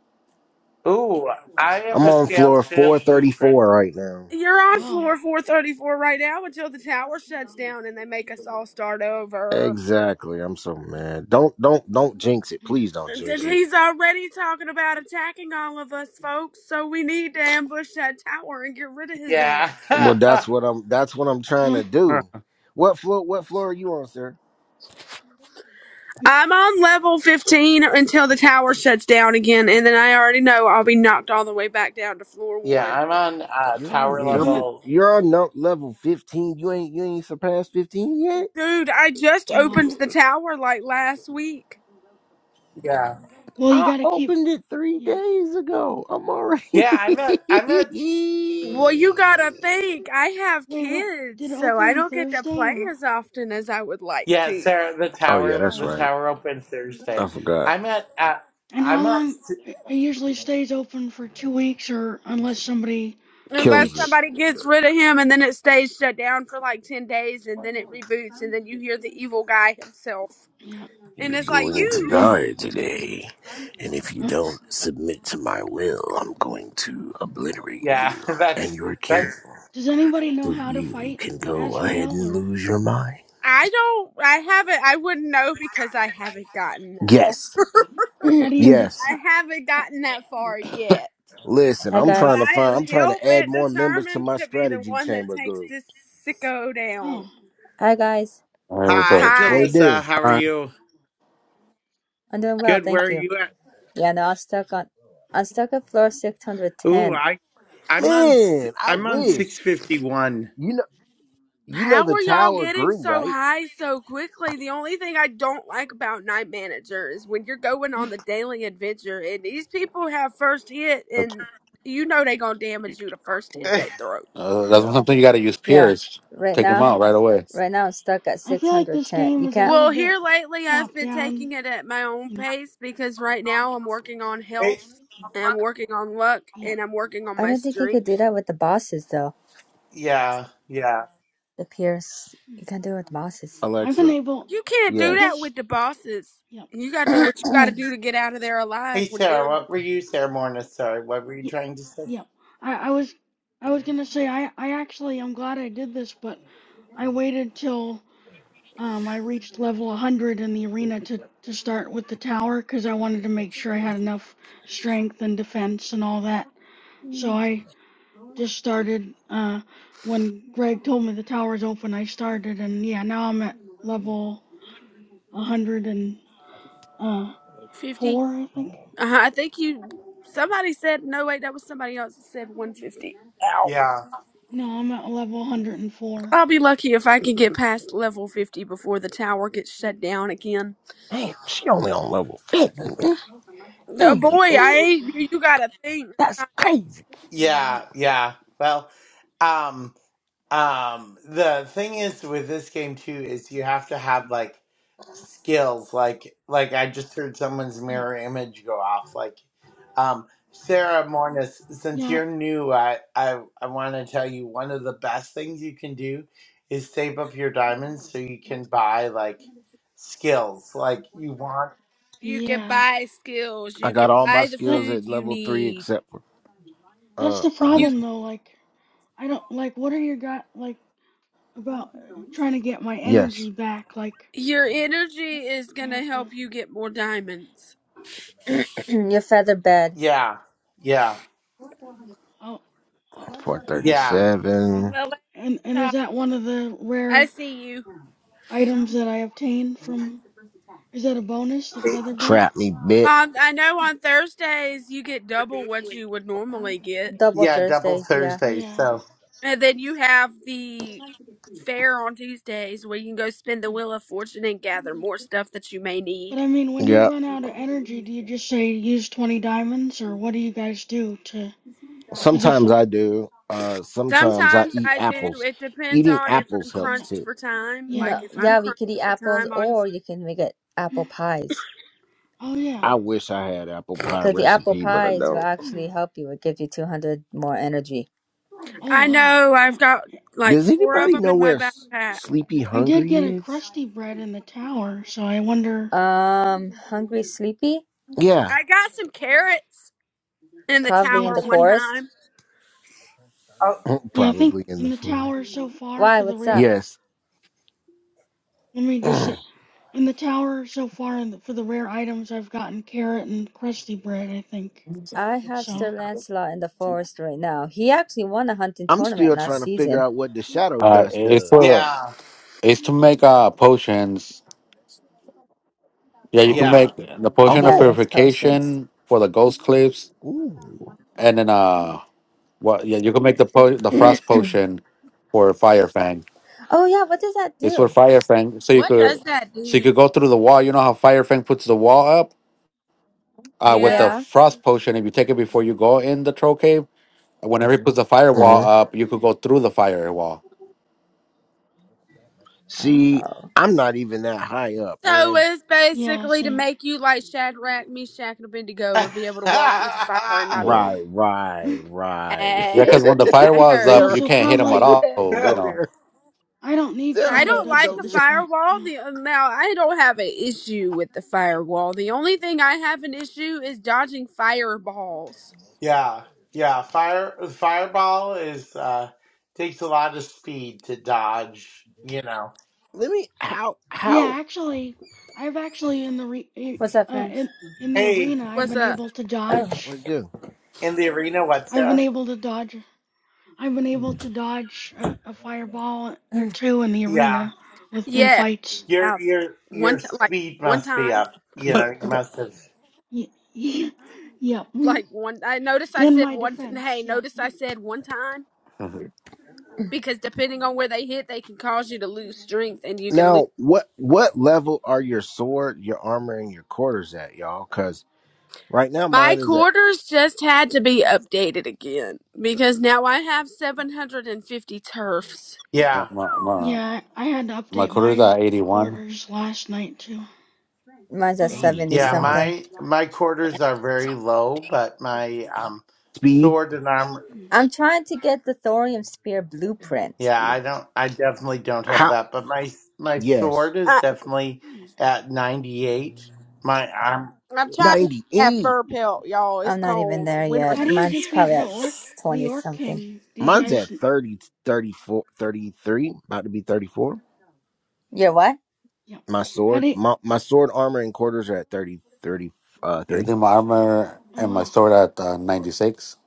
[SPEAKER 3] Ooh, I have
[SPEAKER 8] I'm
[SPEAKER 3] a
[SPEAKER 8] on
[SPEAKER 3] scale
[SPEAKER 8] floor
[SPEAKER 3] shield
[SPEAKER 8] four thirty
[SPEAKER 3] blueprint.
[SPEAKER 8] four right now.
[SPEAKER 7] You're on
[SPEAKER 1] Wow.
[SPEAKER 7] floor 434 right now until the tower shuts down and they make us all start over.
[SPEAKER 8] Exactly. I'm so mad. Don't don't don't jinx it. Please don't
[SPEAKER 7] And then
[SPEAKER 8] jinx it.
[SPEAKER 7] he's already talking about attacking all of us, folks. So we need to ambush that tower and get rid of his
[SPEAKER 3] Yeah.
[SPEAKER 7] ass.
[SPEAKER 8] Well
[SPEAKER 3] [laughs]
[SPEAKER 8] that's what I'm that's what I'm trying to
[SPEAKER 1] Mm,
[SPEAKER 5] [laughs]
[SPEAKER 8] do. What floor what floor are you on, sir?
[SPEAKER 7] I'm on level 15 until the tower shuts down again, and then I already know I'll be knocked all the way back down to floor
[SPEAKER 3] yeah,
[SPEAKER 7] one.
[SPEAKER 3] I'm on uh,
[SPEAKER 8] You're on
[SPEAKER 3] tower
[SPEAKER 5] Hmm.
[SPEAKER 1] I'm at.
[SPEAKER 8] double.
[SPEAKER 3] level.
[SPEAKER 8] You're on no, level fifteen. You ain't you ain't surpassed fifteen yet.
[SPEAKER 7] Dude, I just
[SPEAKER 1] Oh wow.
[SPEAKER 7] opened the tower like last week.
[SPEAKER 3] Yeah.
[SPEAKER 1] Well, you
[SPEAKER 8] I
[SPEAKER 1] gotta keep.
[SPEAKER 8] opened it three
[SPEAKER 1] Yeah.
[SPEAKER 8] days ago. I'm already.
[SPEAKER 3] Yeah, I'm at I'm at
[SPEAKER 1] Mm.
[SPEAKER 7] Well, you gotta
[SPEAKER 8] [laughs]
[SPEAKER 7] think, I have
[SPEAKER 1] Wait, what?
[SPEAKER 7] kids,
[SPEAKER 1] Did it
[SPEAKER 7] so
[SPEAKER 1] open
[SPEAKER 7] I
[SPEAKER 1] on
[SPEAKER 7] don't get to
[SPEAKER 1] Thursday
[SPEAKER 7] play
[SPEAKER 1] or?
[SPEAKER 7] as often as I would like
[SPEAKER 3] yeah,
[SPEAKER 7] to.
[SPEAKER 3] Sarah, the
[SPEAKER 8] oh yeah,
[SPEAKER 3] tower
[SPEAKER 1] Oh,
[SPEAKER 8] that's
[SPEAKER 3] the
[SPEAKER 1] wow.
[SPEAKER 8] right.
[SPEAKER 3] tower open
[SPEAKER 8] I
[SPEAKER 3] Thursday.
[SPEAKER 8] forgot.
[SPEAKER 3] I'm at uh,
[SPEAKER 1] And how
[SPEAKER 3] I'm at
[SPEAKER 1] long?
[SPEAKER 3] s-
[SPEAKER 1] It it usually stays open for two weeks or unless somebody
[SPEAKER 7] Unless
[SPEAKER 8] Kills it.
[SPEAKER 1] defeats.
[SPEAKER 7] somebody gets rid of him and then it stays shut down for like 10 days and then it reboots and then you hear the evil guy himself.
[SPEAKER 1] Yeah.
[SPEAKER 7] And
[SPEAKER 8] You're
[SPEAKER 7] it's like,
[SPEAKER 8] going to
[SPEAKER 7] you,
[SPEAKER 1] [clears throat]
[SPEAKER 8] die today, and if you
[SPEAKER 1] Huh.
[SPEAKER 8] don't submit to my will, I'm going to obliterate
[SPEAKER 3] yeah,
[SPEAKER 8] you
[SPEAKER 3] [laughs]
[SPEAKER 8] and
[SPEAKER 3] that's
[SPEAKER 8] your king,
[SPEAKER 3] that's
[SPEAKER 1] Does anybody know
[SPEAKER 8] so
[SPEAKER 1] how to
[SPEAKER 8] you
[SPEAKER 1] fight
[SPEAKER 8] can go ahead
[SPEAKER 1] Azrael
[SPEAKER 8] and
[SPEAKER 1] or
[SPEAKER 8] lose your mind.
[SPEAKER 7] I don't, I haven't, I wouldn't know because I haven't gotten that far.
[SPEAKER 8] Yes.
[SPEAKER 1] how do you do?
[SPEAKER 8] Yes.
[SPEAKER 7] I
[SPEAKER 1] How,
[SPEAKER 7] haven't
[SPEAKER 1] how,
[SPEAKER 7] gotten that far yet.
[SPEAKER 8] Listen,
[SPEAKER 9] Hi
[SPEAKER 8] I'm
[SPEAKER 1] yeah.
[SPEAKER 7] But
[SPEAKER 8] trying to
[SPEAKER 9] guys.
[SPEAKER 7] I
[SPEAKER 8] find.
[SPEAKER 7] am
[SPEAKER 8] I'm trying
[SPEAKER 7] hell
[SPEAKER 8] to add
[SPEAKER 7] bent
[SPEAKER 8] more members to
[SPEAKER 7] determined
[SPEAKER 8] my
[SPEAKER 7] to be the
[SPEAKER 8] strategy
[SPEAKER 7] one that
[SPEAKER 8] chamber
[SPEAKER 7] takes
[SPEAKER 8] group.
[SPEAKER 7] this sicko
[SPEAKER 1] Oh.
[SPEAKER 7] down.
[SPEAKER 9] Hi guys.
[SPEAKER 6] all right, what's
[SPEAKER 3] Hi
[SPEAKER 6] up?
[SPEAKER 8] What it
[SPEAKER 7] Hi.
[SPEAKER 3] Jalissa,
[SPEAKER 8] do,
[SPEAKER 3] how are you?
[SPEAKER 9] I'm doing well,
[SPEAKER 3] Good, where
[SPEAKER 9] thank
[SPEAKER 3] are
[SPEAKER 9] you.
[SPEAKER 3] you at?
[SPEAKER 9] Yeah, no, I'm stuck on I'm stuck at floor six hundred
[SPEAKER 3] Ooh,
[SPEAKER 9] ten.
[SPEAKER 3] I I'm on s-
[SPEAKER 8] man? I
[SPEAKER 3] I'm on
[SPEAKER 1] Oh.
[SPEAKER 8] wish
[SPEAKER 3] 651. [laughs]
[SPEAKER 8] you know. You know
[SPEAKER 7] How
[SPEAKER 8] the
[SPEAKER 7] are y'all
[SPEAKER 8] tower
[SPEAKER 7] getting
[SPEAKER 8] grew,
[SPEAKER 7] so
[SPEAKER 8] right?
[SPEAKER 7] high so quickly? The only thing I don't like about Night Manager is when you're going
[SPEAKER 1] [laughs]
[SPEAKER 7] on the daily adventure and these people have first hit
[SPEAKER 6] That's,
[SPEAKER 7] and you know they gonna damage you the first hit they
[SPEAKER 3] Hey,
[SPEAKER 7] throw.
[SPEAKER 6] uh, that's
[SPEAKER 8] Yeah,
[SPEAKER 6] something you got to use
[SPEAKER 9] Yeah.
[SPEAKER 6] peers.
[SPEAKER 9] Right
[SPEAKER 6] Take them
[SPEAKER 9] now
[SPEAKER 1] yeah.
[SPEAKER 6] out right away.
[SPEAKER 9] right now I'm stuck at
[SPEAKER 1] I
[SPEAKER 9] six
[SPEAKER 1] feel like
[SPEAKER 9] hundred
[SPEAKER 1] this
[SPEAKER 9] ten.
[SPEAKER 1] game
[SPEAKER 9] You
[SPEAKER 1] is a
[SPEAKER 9] can't
[SPEAKER 1] little
[SPEAKER 7] Well,
[SPEAKER 1] bit
[SPEAKER 7] here lately, I've
[SPEAKER 1] top
[SPEAKER 7] been
[SPEAKER 1] down.
[SPEAKER 7] taking it at my own
[SPEAKER 1] You know.
[SPEAKER 7] pace because right now I'm working on health and I'm working on luck
[SPEAKER 1] Yeah.
[SPEAKER 7] and I'm working on
[SPEAKER 9] I
[SPEAKER 7] my
[SPEAKER 9] don't think you could do
[SPEAKER 7] strength.
[SPEAKER 9] that with the bosses though.
[SPEAKER 3] yeah, yeah.
[SPEAKER 9] The peers
[SPEAKER 1] Mm.
[SPEAKER 9] you can't do it with the bosses.
[SPEAKER 1] I've been
[SPEAKER 8] Alexa.
[SPEAKER 1] able.
[SPEAKER 7] You can't
[SPEAKER 1] I
[SPEAKER 7] do that
[SPEAKER 8] Yes.
[SPEAKER 1] guess.
[SPEAKER 7] with the bosses.
[SPEAKER 1] Yeah.
[SPEAKER 7] You got to do what you got to do to get out of there
[SPEAKER 3] Hey
[SPEAKER 7] alive with
[SPEAKER 3] Sarah,
[SPEAKER 7] them.
[SPEAKER 3] what were you Sarah Morna, sorry, what were you
[SPEAKER 1] Y
[SPEAKER 3] trying to say?
[SPEAKER 1] yeah. I, I was I was gonna say I I actually I'm glad I did this, but I waited till um I reached level 100 in the arena to to start with the tower because I wanted to make sure I had enough strength and defense and all that. So I just started uh when Greg told me the tower's open, I started and yeah, now I'm at level 100 and uh
[SPEAKER 7] 50?
[SPEAKER 1] four, I think.
[SPEAKER 7] Uh-huh, I think you. Somebody said, no, wait, that was somebody else that said 150. Ow.
[SPEAKER 3] Yeah.
[SPEAKER 1] No, I'm at level 104.
[SPEAKER 7] I'll be lucky if I can get past level 50 before the tower gets shut down again.
[SPEAKER 8] Damn, she only on level fifty, man.
[SPEAKER 7] Uh,
[SPEAKER 8] Mm,
[SPEAKER 7] boy, I
[SPEAKER 8] mm.
[SPEAKER 7] ain't. You got to think.
[SPEAKER 8] That's crazy.
[SPEAKER 1] Mm,
[SPEAKER 3] Yeah.
[SPEAKER 1] Yep,
[SPEAKER 3] Yeah. Well, um, um, the thing is with this game too is you have to have like skills. Like, like I just heard someone's
[SPEAKER 1] yep.
[SPEAKER 3] mirror image go off. Like, um, Sarah Mornis, since
[SPEAKER 1] Yeah,
[SPEAKER 3] you're new, I, I, I want to tell you one of the best things you can do is save up your diamonds so you can buy like skills. Like you want.
[SPEAKER 7] You can
[SPEAKER 1] Yeah,
[SPEAKER 7] buy skills.
[SPEAKER 8] I
[SPEAKER 7] You can
[SPEAKER 8] got all my
[SPEAKER 7] buy the
[SPEAKER 1] that
[SPEAKER 8] skills
[SPEAKER 7] food
[SPEAKER 8] at
[SPEAKER 7] you
[SPEAKER 8] level three
[SPEAKER 7] need.
[SPEAKER 8] except for
[SPEAKER 1] that's
[SPEAKER 8] uh
[SPEAKER 1] the
[SPEAKER 7] You
[SPEAKER 1] problem
[SPEAKER 8] 100.
[SPEAKER 1] though. Like, I don't like. What are your got like about uh, trying to get my
[SPEAKER 8] Yes,
[SPEAKER 1] energy back? Like,
[SPEAKER 7] your energy is
[SPEAKER 1] I
[SPEAKER 7] gonna
[SPEAKER 1] have
[SPEAKER 7] help
[SPEAKER 1] to.
[SPEAKER 7] you get more diamonds.
[SPEAKER 1] Hmm,
[SPEAKER 9] [clears throat] Your feather bed.
[SPEAKER 3] Yeah. Yeah.
[SPEAKER 1] oh, will
[SPEAKER 3] Yeah.
[SPEAKER 1] i
[SPEAKER 8] 437.
[SPEAKER 7] Well,
[SPEAKER 1] and and is that one of the
[SPEAKER 7] I
[SPEAKER 1] rare
[SPEAKER 7] see you.
[SPEAKER 1] items that I obtained from? Is that a bonus, the feather bed?
[SPEAKER 8] Trap me, bit.
[SPEAKER 7] Um, I know on Thursdays you get double what you would normally get,
[SPEAKER 9] Double
[SPEAKER 3] Yeah. Double
[SPEAKER 9] Thursdays, yeah.
[SPEAKER 3] Thursday.
[SPEAKER 1] Yeah.
[SPEAKER 3] So.
[SPEAKER 7] and then you have the fair on Tuesdays where you can go spin the
[SPEAKER 1] Hmm.
[SPEAKER 7] wheel of fortune and gather more stuff that you may need.
[SPEAKER 1] But I mean, when you
[SPEAKER 8] Yep.
[SPEAKER 1] run out of energy, do you just say use 20 diamonds, or what do you guys do to? Because if
[SPEAKER 8] Sometimes I do. Uh, sometimes I
[SPEAKER 7] Sometimes
[SPEAKER 8] eat
[SPEAKER 7] I do.
[SPEAKER 8] apples.
[SPEAKER 7] It depends
[SPEAKER 8] Eating
[SPEAKER 7] on if I'm
[SPEAKER 8] apples
[SPEAKER 1] oh yeah,
[SPEAKER 8] helps
[SPEAKER 7] crunched
[SPEAKER 8] too.
[SPEAKER 7] for time.
[SPEAKER 9] No
[SPEAKER 1] yeah,
[SPEAKER 7] Like if
[SPEAKER 1] I
[SPEAKER 7] I'm
[SPEAKER 9] yeah, we
[SPEAKER 7] crunched
[SPEAKER 9] could eat
[SPEAKER 7] for
[SPEAKER 9] apples
[SPEAKER 7] time, I'll
[SPEAKER 9] or you can make it
[SPEAKER 1] know.
[SPEAKER 9] apple pies.
[SPEAKER 1] [clears throat] oh yeah,
[SPEAKER 8] I wish I had apple pie
[SPEAKER 9] Because the apple
[SPEAKER 8] recipe, but I
[SPEAKER 9] pies will
[SPEAKER 8] don't.
[SPEAKER 1] hmm.
[SPEAKER 9] actually help you. It gives you two hundred more energy.
[SPEAKER 1] oh
[SPEAKER 7] I
[SPEAKER 1] wow.
[SPEAKER 7] know
[SPEAKER 1] Huh.
[SPEAKER 7] I've got like
[SPEAKER 8] Does
[SPEAKER 7] four of
[SPEAKER 8] anybody
[SPEAKER 7] them
[SPEAKER 8] know
[SPEAKER 7] in my
[SPEAKER 8] where S-
[SPEAKER 7] backpack.
[SPEAKER 8] Sleepy
[SPEAKER 1] I did
[SPEAKER 8] Hungry
[SPEAKER 1] get a
[SPEAKER 8] is?
[SPEAKER 1] Krusty Bread in the tower, so I wonder.
[SPEAKER 9] Um hungry sleepy?
[SPEAKER 8] Yeah,
[SPEAKER 7] I got some carrots in the
[SPEAKER 9] Probably
[SPEAKER 1] Yeah,
[SPEAKER 9] in
[SPEAKER 7] tower
[SPEAKER 9] the
[SPEAKER 1] I
[SPEAKER 7] one
[SPEAKER 1] think.
[SPEAKER 9] forest.
[SPEAKER 7] time.
[SPEAKER 3] Oh,
[SPEAKER 8] [laughs] [clears throat]
[SPEAKER 1] Yeah, I think
[SPEAKER 8] probably in
[SPEAKER 1] in
[SPEAKER 8] the
[SPEAKER 1] the
[SPEAKER 8] forest.
[SPEAKER 1] tower so far
[SPEAKER 9] Why,
[SPEAKER 1] for the
[SPEAKER 9] what's
[SPEAKER 1] rare.
[SPEAKER 9] up?
[SPEAKER 8] Yes.
[SPEAKER 1] Let me
[SPEAKER 8] [clears throat]
[SPEAKER 1] just say,
[SPEAKER 8] I'm
[SPEAKER 1] in the tower so far in the, for the rare items, I've gotten carrot and Krusty Bread. I think
[SPEAKER 9] I have
[SPEAKER 1] so.
[SPEAKER 9] Sir Lancelot in the forest right now. He actually won a hunting tournament
[SPEAKER 8] still trying
[SPEAKER 9] last
[SPEAKER 8] to figure
[SPEAKER 9] season.
[SPEAKER 8] out what the shadow
[SPEAKER 6] Uh,
[SPEAKER 8] dust
[SPEAKER 6] it's
[SPEAKER 8] does.
[SPEAKER 6] for
[SPEAKER 3] yeah,
[SPEAKER 6] it's to make uh potions. Yeah, you
[SPEAKER 8] Oh.
[SPEAKER 6] can
[SPEAKER 3] yeah,
[SPEAKER 6] make the potion of
[SPEAKER 9] Yeah, it
[SPEAKER 8] Oh.
[SPEAKER 9] makes potions.
[SPEAKER 6] purification for the ghost cliffs,
[SPEAKER 8] Ooh.
[SPEAKER 6] and then uh,
[SPEAKER 1] Ooh.
[SPEAKER 6] what? Yeah, you can make the po-
[SPEAKER 9] [clears throat]
[SPEAKER 6] the
[SPEAKER 9] oh,
[SPEAKER 6] frost potion for Fire Fang.
[SPEAKER 9] yeah, what does that
[SPEAKER 6] It's for
[SPEAKER 9] do?
[SPEAKER 6] Fire Fang, so you
[SPEAKER 7] What does
[SPEAKER 6] could
[SPEAKER 7] that
[SPEAKER 6] so you
[SPEAKER 7] do?
[SPEAKER 6] could go through the wall. You know how Fire Fang puts the wall up uh, with the
[SPEAKER 7] Yeah.
[SPEAKER 9] Yeah.
[SPEAKER 6] frost potion, if you take it before you go in the troll cave, whenever he puts the firewall
[SPEAKER 8] Uh-huh.
[SPEAKER 6] up, you could
[SPEAKER 1] Hmm.
[SPEAKER 6] go through the firewall.
[SPEAKER 8] See,
[SPEAKER 9] Oh.
[SPEAKER 8] I'm not even that high up,
[SPEAKER 7] So
[SPEAKER 8] man.
[SPEAKER 7] it's
[SPEAKER 1] Yeah,
[SPEAKER 7] basically to
[SPEAKER 1] same.
[SPEAKER 7] make you like Shadrach, Meshach, and Abednego
[SPEAKER 3] [laughs]
[SPEAKER 7] and be able to walk through the fire and not be
[SPEAKER 6] Yeah,
[SPEAKER 7] harmed.
[SPEAKER 1] Oh,
[SPEAKER 8] Right, right,
[SPEAKER 1] well. [laughs]
[SPEAKER 8] right.
[SPEAKER 6] yeah,
[SPEAKER 7] Hey,
[SPEAKER 6] because when the
[SPEAKER 7] I
[SPEAKER 8] [laughs]
[SPEAKER 6] firewall is
[SPEAKER 7] heard.
[SPEAKER 1] Yeah,
[SPEAKER 6] up,
[SPEAKER 8] Sarah,
[SPEAKER 6] you
[SPEAKER 1] so
[SPEAKER 6] can't hit him
[SPEAKER 8] why
[SPEAKER 6] at
[SPEAKER 1] probably
[SPEAKER 8] you
[SPEAKER 1] I
[SPEAKER 6] all.
[SPEAKER 8] had to
[SPEAKER 6] So, you
[SPEAKER 8] go
[SPEAKER 6] know,
[SPEAKER 8] there?
[SPEAKER 1] I don't need
[SPEAKER 8] Sarah
[SPEAKER 7] I
[SPEAKER 1] Shadow
[SPEAKER 7] don't
[SPEAKER 8] had to
[SPEAKER 1] Dust
[SPEAKER 7] like
[SPEAKER 8] go
[SPEAKER 1] at
[SPEAKER 7] the
[SPEAKER 1] this
[SPEAKER 8] there.
[SPEAKER 1] point.
[SPEAKER 7] firewall.
[SPEAKER 1] Yeah,
[SPEAKER 7] The now I don't have an issue with the firewall. The only thing I have an issue is dodging fireballs.
[SPEAKER 3] yeah, yeah. Fire fireball is uh takes a lot of speed to dodge. You know.
[SPEAKER 8] Let me how
[SPEAKER 1] yeah
[SPEAKER 8] how
[SPEAKER 1] actually, I've actually in the re,
[SPEAKER 9] What's that,
[SPEAKER 1] uh,
[SPEAKER 9] friends?
[SPEAKER 1] in in the
[SPEAKER 3] Hey,
[SPEAKER 1] arena, I've
[SPEAKER 7] What's
[SPEAKER 1] been
[SPEAKER 7] up?
[SPEAKER 1] able to
[SPEAKER 9] Oh,
[SPEAKER 1] dodge.
[SPEAKER 8] what do?
[SPEAKER 3] in the arena, what's
[SPEAKER 1] I've been
[SPEAKER 3] that?
[SPEAKER 1] able to dodge. I've been able to dodge a, a fireball or two in the
[SPEAKER 3] Yeah,
[SPEAKER 1] arena with in
[SPEAKER 7] Yeah,
[SPEAKER 1] fights.
[SPEAKER 3] your
[SPEAKER 7] I've-
[SPEAKER 3] your
[SPEAKER 7] one
[SPEAKER 3] your
[SPEAKER 7] t- like
[SPEAKER 3] speed
[SPEAKER 7] one
[SPEAKER 3] must be
[SPEAKER 7] time.
[SPEAKER 3] up. You know, you
[SPEAKER 9] it-
[SPEAKER 3] must have.
[SPEAKER 1] Y- y- [laughs] yep.
[SPEAKER 7] like one I notice I
[SPEAKER 1] In
[SPEAKER 7] said
[SPEAKER 1] my
[SPEAKER 7] one
[SPEAKER 1] defense,
[SPEAKER 7] hey,
[SPEAKER 1] yep.
[SPEAKER 7] notice I said one time
[SPEAKER 6] [laughs]
[SPEAKER 7] because depending on where they hit, they can cause you to lose strength and you can lose
[SPEAKER 8] Now, what what level are your sword, your armor, and your quarters at, y'all? Cause right now
[SPEAKER 7] my
[SPEAKER 8] mine is at
[SPEAKER 7] quarters just had to be updated again because now I have 750 turfs.
[SPEAKER 6] Yeah,
[SPEAKER 3] Yeah,
[SPEAKER 6] my my
[SPEAKER 1] Yeah, I I had to
[SPEAKER 6] my
[SPEAKER 1] update
[SPEAKER 6] career's
[SPEAKER 1] my
[SPEAKER 6] at eighty one.
[SPEAKER 1] quarters last night too.
[SPEAKER 9] mine's
[SPEAKER 1] Oh,
[SPEAKER 9] at
[SPEAKER 1] wow.
[SPEAKER 9] 70
[SPEAKER 3] yeah.
[SPEAKER 8] 81.
[SPEAKER 9] something.
[SPEAKER 3] My my quarters are
[SPEAKER 8] So,
[SPEAKER 3] very low, but my um
[SPEAKER 8] Speed?
[SPEAKER 3] sword and armor.
[SPEAKER 9] I'm
[SPEAKER 1] Hmm.
[SPEAKER 9] trying to get the thorium spear blueprint.
[SPEAKER 3] Yeah, I don't. I definitely don't have
[SPEAKER 8] How
[SPEAKER 3] that, but my my
[SPEAKER 8] yes.
[SPEAKER 3] sword is
[SPEAKER 7] I,
[SPEAKER 3] definitely
[SPEAKER 1] Hmm.
[SPEAKER 3] at ninety eight. My um,
[SPEAKER 7] I'm trying to get that
[SPEAKER 8] 98.
[SPEAKER 7] fur pelt, y'all. It's
[SPEAKER 9] I'm not even
[SPEAKER 7] cold.
[SPEAKER 9] there yet.
[SPEAKER 1] How
[SPEAKER 7] Winter's
[SPEAKER 1] do you
[SPEAKER 9] Mine's probably
[SPEAKER 1] defeat the
[SPEAKER 9] at
[SPEAKER 1] orc, the
[SPEAKER 9] 20
[SPEAKER 1] orc
[SPEAKER 9] something.
[SPEAKER 1] king? Do you
[SPEAKER 8] Mine's
[SPEAKER 1] guys?
[SPEAKER 8] at thirty, thirty-four, thirty-three. about to be 34.
[SPEAKER 9] You're what?
[SPEAKER 1] Yep.
[SPEAKER 8] My
[SPEAKER 1] How do?
[SPEAKER 8] sword,
[SPEAKER 1] You,
[SPEAKER 8] my, my sword, armor, and quarters are at 30, 30, uh,
[SPEAKER 6] I
[SPEAKER 8] 3.
[SPEAKER 6] think my armor
[SPEAKER 1] oh
[SPEAKER 6] and my
[SPEAKER 1] wow.
[SPEAKER 6] sword at uh, ninety six?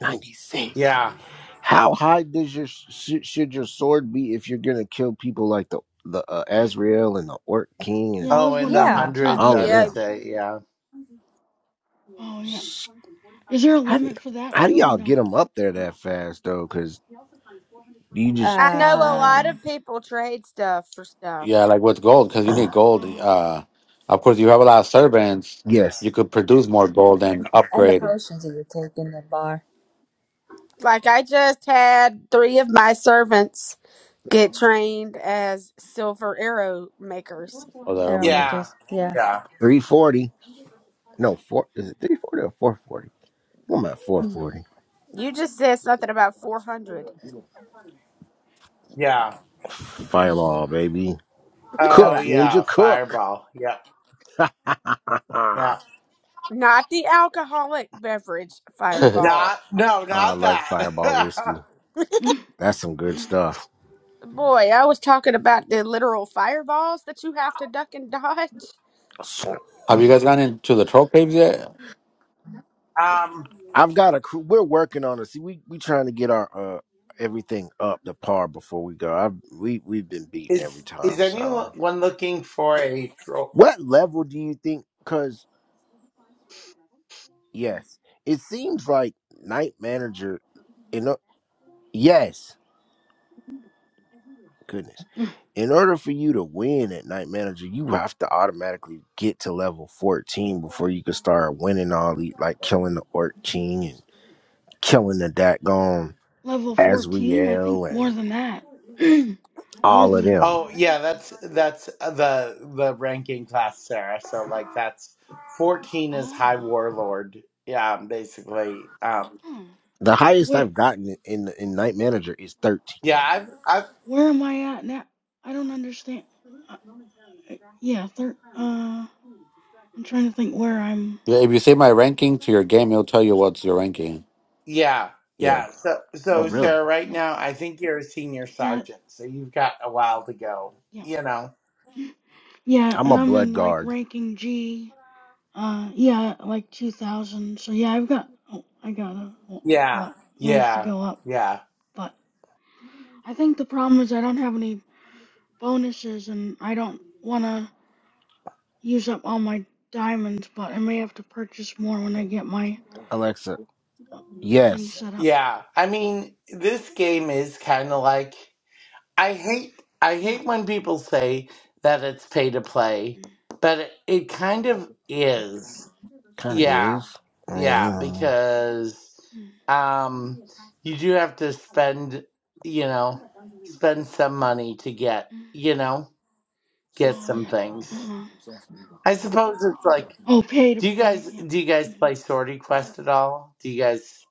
[SPEAKER 8] 96.
[SPEAKER 3] yeah.
[SPEAKER 8] How high does your sh- should your sword be if you're gonna kill people like the the uh, Azrael and the Orc King
[SPEAKER 1] Yeah, I
[SPEAKER 8] and
[SPEAKER 3] Oh,
[SPEAKER 1] was
[SPEAKER 3] in the
[SPEAKER 1] wondering
[SPEAKER 9] Yeah.
[SPEAKER 1] that
[SPEAKER 6] Uh,
[SPEAKER 7] coming.
[SPEAKER 1] too.
[SPEAKER 3] hundreds,
[SPEAKER 8] all
[SPEAKER 3] I
[SPEAKER 8] of
[SPEAKER 3] would
[SPEAKER 7] Yeah.
[SPEAKER 8] them?
[SPEAKER 3] say. Yeah,
[SPEAKER 1] Oh yeah.
[SPEAKER 8] Sh-
[SPEAKER 1] Is there a
[SPEAKER 8] How do y-
[SPEAKER 1] limit for that
[SPEAKER 8] how do
[SPEAKER 1] too, or
[SPEAKER 8] y'all
[SPEAKER 1] no?
[SPEAKER 8] get them up there
[SPEAKER 1] Or-
[SPEAKER 8] that fast though? Because you just
[SPEAKER 1] That
[SPEAKER 7] I
[SPEAKER 1] takes
[SPEAKER 7] know
[SPEAKER 1] a
[SPEAKER 7] a
[SPEAKER 1] lot of
[SPEAKER 7] lot
[SPEAKER 9] Um,
[SPEAKER 1] time.
[SPEAKER 7] of people trade stuff for stuff.
[SPEAKER 6] yeah, like with gold, because you
[SPEAKER 8] oh,
[SPEAKER 6] need gold.
[SPEAKER 1] Oh.
[SPEAKER 6] Uh, of course, you have a lot of servants.
[SPEAKER 8] yes
[SPEAKER 6] You could produce more
[SPEAKER 1] Hmm.
[SPEAKER 6] gold and
[SPEAKER 9] and the
[SPEAKER 6] upgrade.
[SPEAKER 9] potions that you take in the bar.
[SPEAKER 7] Like I just had three of my servants get trained as silver arrow makers
[SPEAKER 6] Oh, that oh
[SPEAKER 9] Arrow
[SPEAKER 6] my
[SPEAKER 3] yeah,
[SPEAKER 9] makers. Yeah.
[SPEAKER 3] yeah,
[SPEAKER 8] three forty? No
[SPEAKER 1] Yep.
[SPEAKER 8] four is it three forty or four forty? I'm at four forty.
[SPEAKER 7] You just said something about 400.
[SPEAKER 3] yeah.
[SPEAKER 8] Fireball baby,
[SPEAKER 9] All
[SPEAKER 3] Oh,
[SPEAKER 8] cook
[SPEAKER 9] right.
[SPEAKER 1] Yeah.
[SPEAKER 3] yeah.
[SPEAKER 8] ninja cook.
[SPEAKER 3] Fireball. Yep, yeah.
[SPEAKER 7] Not the alcoholic beverage
[SPEAKER 1] [laughs]
[SPEAKER 6] god!
[SPEAKER 7] fireball.
[SPEAKER 3] Not no,
[SPEAKER 8] I
[SPEAKER 3] not
[SPEAKER 8] like Fireball
[SPEAKER 3] that.
[SPEAKER 8] whiskey. That's some good stuff.
[SPEAKER 7] Boy, I was talking about the literal fireballs that you have to duck and dodge.
[SPEAKER 6] [laughs] have you guys gone into the troll caves yet?
[SPEAKER 3] [laughs] um,
[SPEAKER 8] I've got a crew. We're working on it. See, we we trying to get our uh everything up to par before we go. I've we we've been beaten
[SPEAKER 3] is
[SPEAKER 8] every
[SPEAKER 3] is
[SPEAKER 8] time. So,
[SPEAKER 3] anyone looking for a troll?
[SPEAKER 8] what level do you think? Because yes, it seems like night manager. In o- yes, goodness. In order for you to win at night manager, you have to automatically get to level fourteen before you can start winning all the like killing the orc king and killing the Dagon
[SPEAKER 1] Level 14? I think
[SPEAKER 8] Asriel
[SPEAKER 1] more
[SPEAKER 8] and
[SPEAKER 1] than that. [clears throat] more
[SPEAKER 8] all of
[SPEAKER 1] than.
[SPEAKER 8] them.
[SPEAKER 3] Oh yeah, that's that's uh, the the ranking class, Sarah. So like that's fourteen is High
[SPEAKER 1] Oh.
[SPEAKER 3] Warlord. Yeah, um, basically. Um,
[SPEAKER 1] Huh.
[SPEAKER 8] The highest
[SPEAKER 1] Wait,
[SPEAKER 8] I've gotten in in night manager is
[SPEAKER 3] yeah,
[SPEAKER 8] thirteen.
[SPEAKER 3] I've I've
[SPEAKER 1] where am I at now? I don't understand. Uh, uh, yeah, thir- uh, I'm trying to think where I'm.
[SPEAKER 6] Yeah, if you say my ranking to your game, it'll tell you what's your ranking.
[SPEAKER 3] yeah
[SPEAKER 6] Yeah.
[SPEAKER 3] yeah. So
[SPEAKER 8] Oh,
[SPEAKER 3] so
[SPEAKER 1] Uh,
[SPEAKER 8] really?
[SPEAKER 3] Sarah, right
[SPEAKER 1] yeah,
[SPEAKER 3] now I think you're a senior
[SPEAKER 1] yeah,
[SPEAKER 3] sergeant, so you've got a while to go.
[SPEAKER 1] yeah.
[SPEAKER 3] You know.
[SPEAKER 1] [laughs] Yeah,
[SPEAKER 8] I'm a
[SPEAKER 1] and I'm
[SPEAKER 8] blood
[SPEAKER 1] in like
[SPEAKER 8] guard,
[SPEAKER 1] ranking G. Uh, yeah, like 2000. So yeah, I've got. Oh, I got a.
[SPEAKER 3] Yeah
[SPEAKER 1] What? Ways to
[SPEAKER 3] yeah
[SPEAKER 1] go up.
[SPEAKER 3] yeah
[SPEAKER 1] But I think the problem is I don't have any bonuses, and I don't want to use up all my diamonds, but I may have to purchase more when I get my
[SPEAKER 8] Alexa.
[SPEAKER 1] thing
[SPEAKER 8] Yes,
[SPEAKER 1] set up.
[SPEAKER 3] yeah. I mean, this game is kind of like. I hate I
[SPEAKER 1] Yeah.
[SPEAKER 3] hate when people say that it's pay to play,
[SPEAKER 1] Mm,
[SPEAKER 3] but it, it kind of is.
[SPEAKER 8] kind of
[SPEAKER 3] Yeah.
[SPEAKER 8] is. I mean, you
[SPEAKER 3] Yeah,
[SPEAKER 8] know.
[SPEAKER 3] because
[SPEAKER 1] mm,
[SPEAKER 3] um you do have to spend, you know, spend some money to get,
[SPEAKER 1] mm.
[SPEAKER 3] you know, get
[SPEAKER 1] Oh,
[SPEAKER 3] some
[SPEAKER 1] yeah.
[SPEAKER 3] things.
[SPEAKER 1] Uh-huh.
[SPEAKER 3] I suppose it's like
[SPEAKER 1] Oh, pay to
[SPEAKER 3] do you
[SPEAKER 1] play.
[SPEAKER 3] guys
[SPEAKER 1] Yeah.
[SPEAKER 3] do you guys
[SPEAKER 1] hmm
[SPEAKER 3] play Sortie Quest at all? Do you guys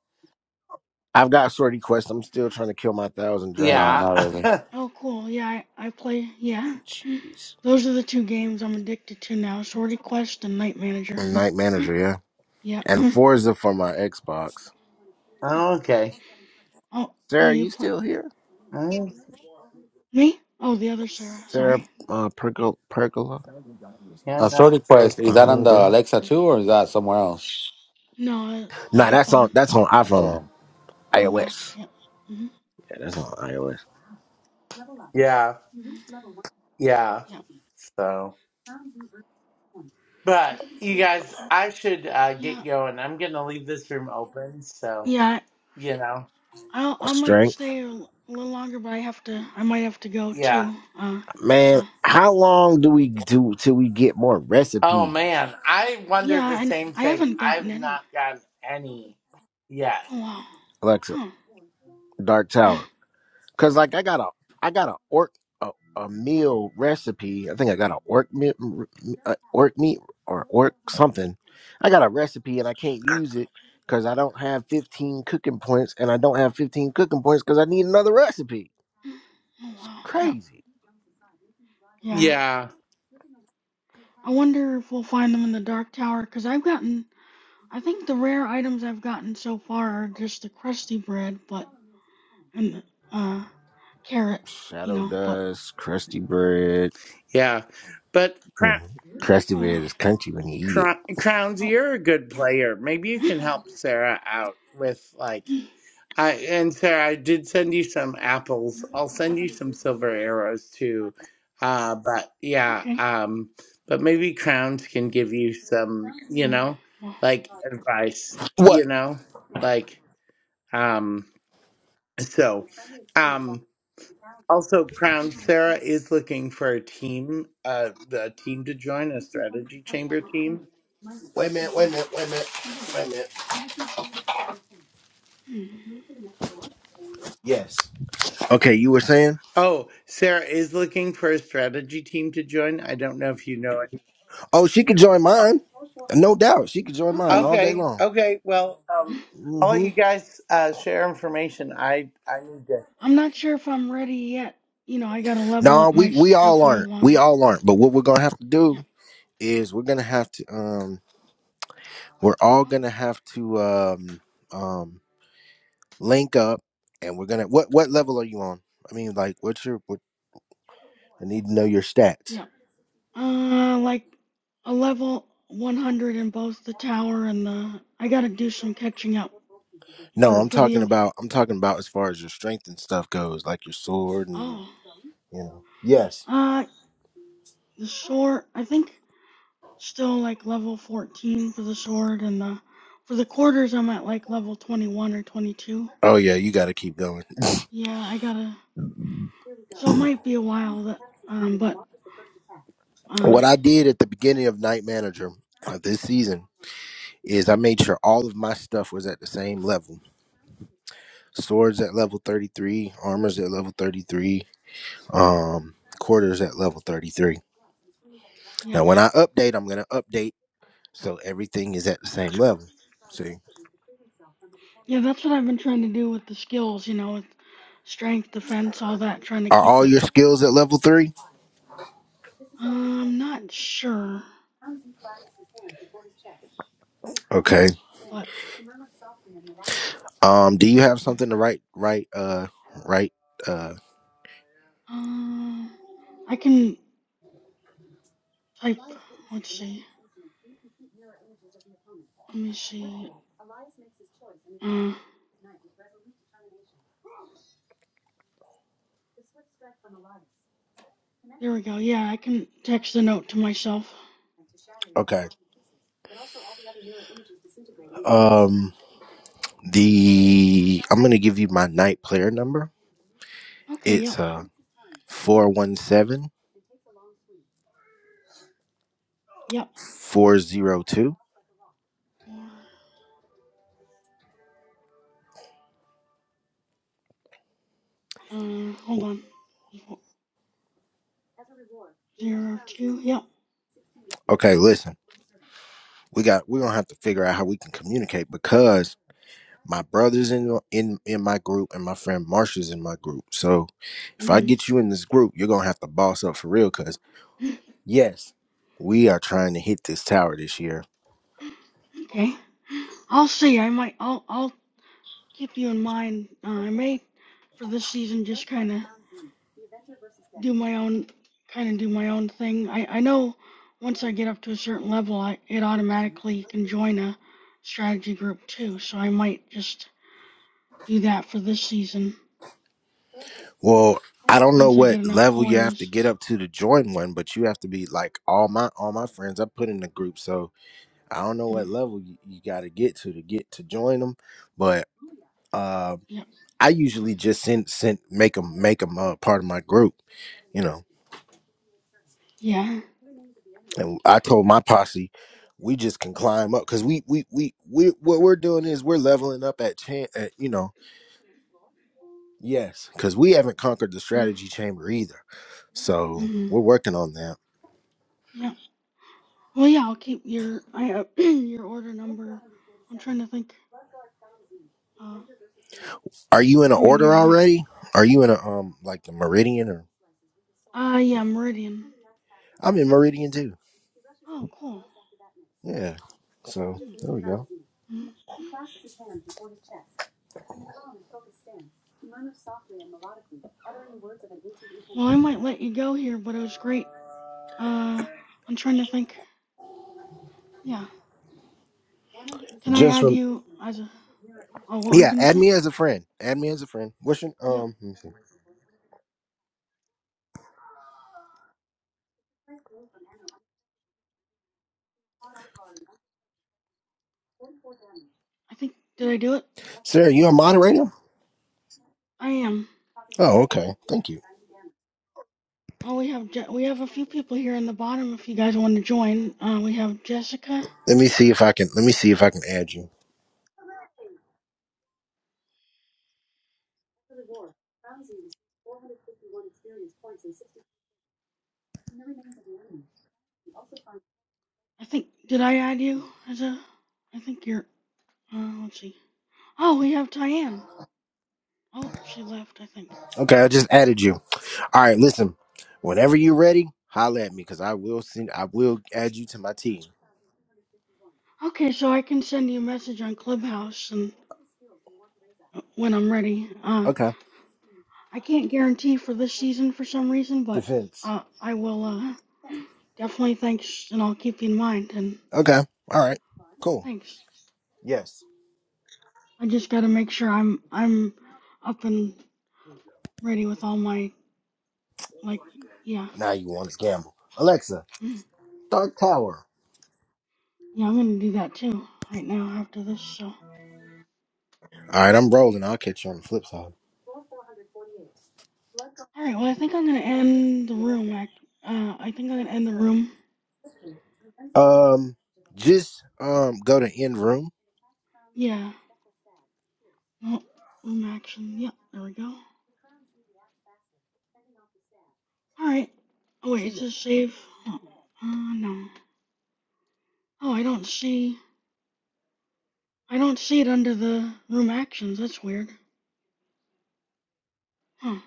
[SPEAKER 8] I've got sortie quest. I'm still trying to kill my thousand
[SPEAKER 6] No,
[SPEAKER 3] Yeah.
[SPEAKER 8] dragons.
[SPEAKER 6] not
[SPEAKER 3] [laughs]
[SPEAKER 6] really.
[SPEAKER 1] Oh, cool. Yeah, I, I play. Yeah.
[SPEAKER 8] Jeez.
[SPEAKER 1] Those are the two games I'm addicted to now Sorty Quest and Night Manager.
[SPEAKER 8] And
[SPEAKER 1] [laughs]
[SPEAKER 8] Night manager, yeah.
[SPEAKER 1] yeah.
[SPEAKER 8] And
[SPEAKER 1] Mm.
[SPEAKER 8] Forza for my Xbox.
[SPEAKER 3] oh, okay.
[SPEAKER 1] oh, oh,
[SPEAKER 8] Sarah,
[SPEAKER 1] you
[SPEAKER 8] you
[SPEAKER 1] play.
[SPEAKER 8] still here?
[SPEAKER 3] Mm,
[SPEAKER 1] Me? Oh, the other Sarah.
[SPEAKER 8] Sarah
[SPEAKER 1] Sorry.
[SPEAKER 8] uh, Pergola, Pergola,
[SPEAKER 3] Yeah,
[SPEAKER 6] A
[SPEAKER 3] I'm not
[SPEAKER 6] Sorted
[SPEAKER 3] sure.
[SPEAKER 6] Quest, is
[SPEAKER 8] my
[SPEAKER 6] that on the
[SPEAKER 8] homegirl.
[SPEAKER 6] Alexa
[SPEAKER 1] Mm.
[SPEAKER 6] too, or is that somewhere else?
[SPEAKER 1] No, uh,
[SPEAKER 8] Nah,
[SPEAKER 1] the
[SPEAKER 8] that's
[SPEAKER 1] iPhone
[SPEAKER 8] on that's on iPhone,
[SPEAKER 6] Oh.
[SPEAKER 1] or Mac.
[SPEAKER 8] iOS.
[SPEAKER 1] Yep. hmm
[SPEAKER 8] Yeah, that's on iOS.
[SPEAKER 3] Yeah. Yeah.
[SPEAKER 1] Yep.
[SPEAKER 3] So But you guys, I should uh,
[SPEAKER 1] Yeah.
[SPEAKER 3] get going. I'm gonna leave this room open, so
[SPEAKER 1] Yeah.
[SPEAKER 3] you know,
[SPEAKER 1] I'll I
[SPEAKER 8] Strength.
[SPEAKER 1] might stay a l- a little longer, but I have to I might have to go
[SPEAKER 3] yeah.
[SPEAKER 1] too. Uh,
[SPEAKER 8] Man,
[SPEAKER 1] so
[SPEAKER 8] how long do we do till we get more
[SPEAKER 3] Oh
[SPEAKER 8] recipes,
[SPEAKER 3] man, I wonder the
[SPEAKER 1] yeah, and
[SPEAKER 3] same
[SPEAKER 1] I
[SPEAKER 3] thing.
[SPEAKER 1] haven't gotten
[SPEAKER 3] I've
[SPEAKER 1] any.
[SPEAKER 3] not gotten any yet.
[SPEAKER 1] Oh wow,
[SPEAKER 8] Alexa?
[SPEAKER 1] huh?
[SPEAKER 8] Dark
[SPEAKER 1] [laughs]
[SPEAKER 8] Tower.
[SPEAKER 1] [clears throat]
[SPEAKER 8] Cause like I got a, I got a orc a, a meal recipe. I think I got a orc meat, uh, orc meat or orc something. I got a recipe and I can't use it because I don't have 15 cooking points and I don't have 15 cooking points because I need another recipe.
[SPEAKER 1] Oh
[SPEAKER 8] It's
[SPEAKER 1] wow, yeah,
[SPEAKER 8] crazy.
[SPEAKER 1] yeah.
[SPEAKER 3] Yeah,
[SPEAKER 1] I wonder if we'll find them in the Dark Tower, cause I've gotten I think the rare items I've gotten so far are just the crusty bread, but and the uh carrot, you
[SPEAKER 8] Shadow
[SPEAKER 1] know. But
[SPEAKER 8] dust, crusty bread.
[SPEAKER 3] yeah. But Crown,
[SPEAKER 8] Hmm, Crusty bread
[SPEAKER 1] oh
[SPEAKER 8] is crunchy when you eat
[SPEAKER 3] Crown,
[SPEAKER 8] it.
[SPEAKER 3] Crowns,
[SPEAKER 1] wow,
[SPEAKER 3] you're a good player. Maybe you
[SPEAKER 1] oh
[SPEAKER 3] can
[SPEAKER 1] [laughs]
[SPEAKER 3] help Sarah out with like
[SPEAKER 1] [clears throat]
[SPEAKER 3] I and Sarah, I did send you some apples. I'll send you some silver arrows too. Uh, but yeah,
[SPEAKER 1] okay.
[SPEAKER 3] um, but maybe crowns can give you some, you
[SPEAKER 1] Mm,
[SPEAKER 3] know,
[SPEAKER 1] Well,
[SPEAKER 3] like advice,
[SPEAKER 8] What?
[SPEAKER 3] you know, like um. So, um. Also, Crown Sarah is looking for a team, uh, a team to join, a strategy chamber team.
[SPEAKER 8] Wait a minute, wait a minute, wait a minute, wait a minute.
[SPEAKER 1] hmm.
[SPEAKER 8] Yes. Okay, you were saying?
[SPEAKER 3] Oh, Sarah is looking for a strategy team to join. I don't know if you know
[SPEAKER 8] Oh, she could join mine. No doubt. She could join mine
[SPEAKER 1] okay.
[SPEAKER 8] all day
[SPEAKER 3] Okay.
[SPEAKER 8] long.
[SPEAKER 3] Okay. Well, um,
[SPEAKER 8] mm
[SPEAKER 3] I'll let
[SPEAKER 8] hmm
[SPEAKER 3] you guys uh, share information. I I need to.
[SPEAKER 1] I'm not sure if I'm ready yet. You know, I gotta level
[SPEAKER 8] No,
[SPEAKER 1] up my
[SPEAKER 8] we, we all
[SPEAKER 1] stuff a little
[SPEAKER 8] aren't. We
[SPEAKER 1] longer.
[SPEAKER 8] all aren't. But what we're gonna have to
[SPEAKER 1] Yeah.
[SPEAKER 8] do is we're gonna have to um we're all
[SPEAKER 1] Oh,
[SPEAKER 8] gonna have to um um link up and we're gonna what what level are you on? I mean like what's your what I need to know your stats.
[SPEAKER 1] yep. Uh, like a level 100 in both the tower and the. I gotta do some catching up
[SPEAKER 8] No,
[SPEAKER 1] for
[SPEAKER 8] I'm
[SPEAKER 1] for the.
[SPEAKER 8] talking about I'm talking about as far as your strength and stuff goes, like your sword and your
[SPEAKER 1] Oh.
[SPEAKER 8] you know. Yes.
[SPEAKER 1] Uh, the sword. I think still like level 14 for the sword and the. For the quarters, I'm at like level 21 or 22.
[SPEAKER 8] Oh yeah, you got to keep going.
[SPEAKER 1] Yeah, I gotta. So it might be a while that. Um, but. Uh,
[SPEAKER 8] What I did at the beginning of Night Manager uh, this season is I made sure all of my stuff was at the same level. Swords at level 33, armors at level 33, um quarters at level 33.
[SPEAKER 1] yep.
[SPEAKER 8] Now when I update, I'm going to update so everything is at the same level. See?
[SPEAKER 1] Yeah, that's what I've been trying to do with the skills, you know, with strength, defense, all that, trying to
[SPEAKER 8] Are
[SPEAKER 1] keep
[SPEAKER 8] all
[SPEAKER 1] it.
[SPEAKER 8] your skills at level 3?
[SPEAKER 1] I'm not sure,
[SPEAKER 8] Okay.
[SPEAKER 1] but
[SPEAKER 8] Um, do you have something to write? Write. Uh, write. Uh,
[SPEAKER 1] um, I can type. Let's see. Let me see. Uh, there we go. Yeah, I can text the note to myself.
[SPEAKER 8] okay. Um, the I'm gonna give you my night player number.
[SPEAKER 1] Okay. Yep.
[SPEAKER 8] It's uh 417
[SPEAKER 1] Yep.
[SPEAKER 8] 402.
[SPEAKER 1] Or uh, hold on. Zero two. Yep.
[SPEAKER 8] Okay, listen. We got we're going to have to figure out how we can communicate because my brother's in in in my group and my friend Marsha's in my group. So, if I
[SPEAKER 1] Mm.
[SPEAKER 8] get you in this group, you're going to have to boss up for real cause.
[SPEAKER 1] [laughs]
[SPEAKER 8] Yes, we are trying to hit this tower this year.
[SPEAKER 1] Okay. I'll see. I might. I'll. I'll keep you in mind. Uh, I may for this season just kind of do my own kind of do my own thing. I, I know once I get up to a certain level, I, it automatically can join a strategy group too. So I might just do that for this season
[SPEAKER 8] Well, I don't know
[SPEAKER 1] once I
[SPEAKER 8] what
[SPEAKER 1] get enough
[SPEAKER 8] level you have to
[SPEAKER 1] coins.
[SPEAKER 8] get up to to join one, but you have to be like all my all my friends I put in the group. So I don't know
[SPEAKER 1] Mm,
[SPEAKER 8] what level you, you got to get to to get to join them, but uh,
[SPEAKER 1] yep.
[SPEAKER 8] I usually just send send make them make them uh, part of my group, you know.
[SPEAKER 1] Yeah.
[SPEAKER 8] And I told my posse we just can climb up because we we we we what we're doing is we're leveling up at chance, at, you know Yes, because we haven't conquered the
[SPEAKER 1] Mm,
[SPEAKER 8] strategy chamber either. So
[SPEAKER 1] hmm
[SPEAKER 8] we're working on that.
[SPEAKER 1] Yeah. Well, yeah. I'll keep your I uh, [clears throat] your order number. I'm trying to think. Uh,
[SPEAKER 8] Are you in an
[SPEAKER 1] I'm in
[SPEAKER 8] order
[SPEAKER 1] your night.
[SPEAKER 8] already? Are you in a um like the meridian or
[SPEAKER 1] Ah, yeah, Meridian.
[SPEAKER 8] I'm in meridian too.
[SPEAKER 1] Oh, cool.
[SPEAKER 8] Yeah. So
[SPEAKER 1] Mm,
[SPEAKER 8] there we go.
[SPEAKER 1] mm. Well, I might let you go here, but it was great. Uh, I'm trying to think. Yeah. Can I
[SPEAKER 8] Just
[SPEAKER 1] add
[SPEAKER 8] from
[SPEAKER 1] you as a? Oh, what were you
[SPEAKER 8] yeah,
[SPEAKER 1] gonna
[SPEAKER 8] add
[SPEAKER 1] say?
[SPEAKER 8] me as a friend. Add me as a friend. What's your
[SPEAKER 1] Yeah.
[SPEAKER 8] um let me see.
[SPEAKER 1] I think did I do it?
[SPEAKER 8] Sarah, you a moderator?
[SPEAKER 1] I am.
[SPEAKER 8] Oh, okay. Thank you.
[SPEAKER 1] Oh, we have Je- we have a few people here in the bottom. If you guys want to join, uh, we have Jessica.
[SPEAKER 8] Let me see if I can let me see if I can add you.
[SPEAKER 1] I think did I add you as a? I think you're. Uh, let's see. Oh, we have Tyann. Oh, she left. I think.
[SPEAKER 8] Okay, I just added you. All right, listen. Whenever you're ready, holla at me because I will send I will add you to my team.
[SPEAKER 1] Okay, so I can send you a message on Clubhouse and when I'm ready. Uh,
[SPEAKER 8] Okay.
[SPEAKER 1] I can't guarantee for this season for some reason, but
[SPEAKER 8] Defense.
[SPEAKER 1] uh, I will uh, definitely thanks and I'll keep you in mind and
[SPEAKER 8] Okay. All right. Cool.
[SPEAKER 1] thanks.
[SPEAKER 8] Yes.
[SPEAKER 1] I just gotta make sure I'm I'm up and ready with all my like yeah.
[SPEAKER 8] Now you want to gamble. Alexa,
[SPEAKER 1] Mm.
[SPEAKER 8] Dark Tower.
[SPEAKER 1] Yeah, I'm gonna do that too right now after this. So all
[SPEAKER 8] All right, I'm rolling. I'll catch you on the flip side.
[SPEAKER 1] right, well I think I'm gonna end the room. Ac- uh, I think I'm gonna end the room.
[SPEAKER 8] Um, just um, go to end room.
[SPEAKER 1] Yeah, no room action. Yep, there we go. All right. Oh wait,
[SPEAKER 8] See
[SPEAKER 1] it
[SPEAKER 8] ya.
[SPEAKER 1] says save. Oh, uh, no. Oh, I don't see. I don't see it under the room actions. That's weird. Huh.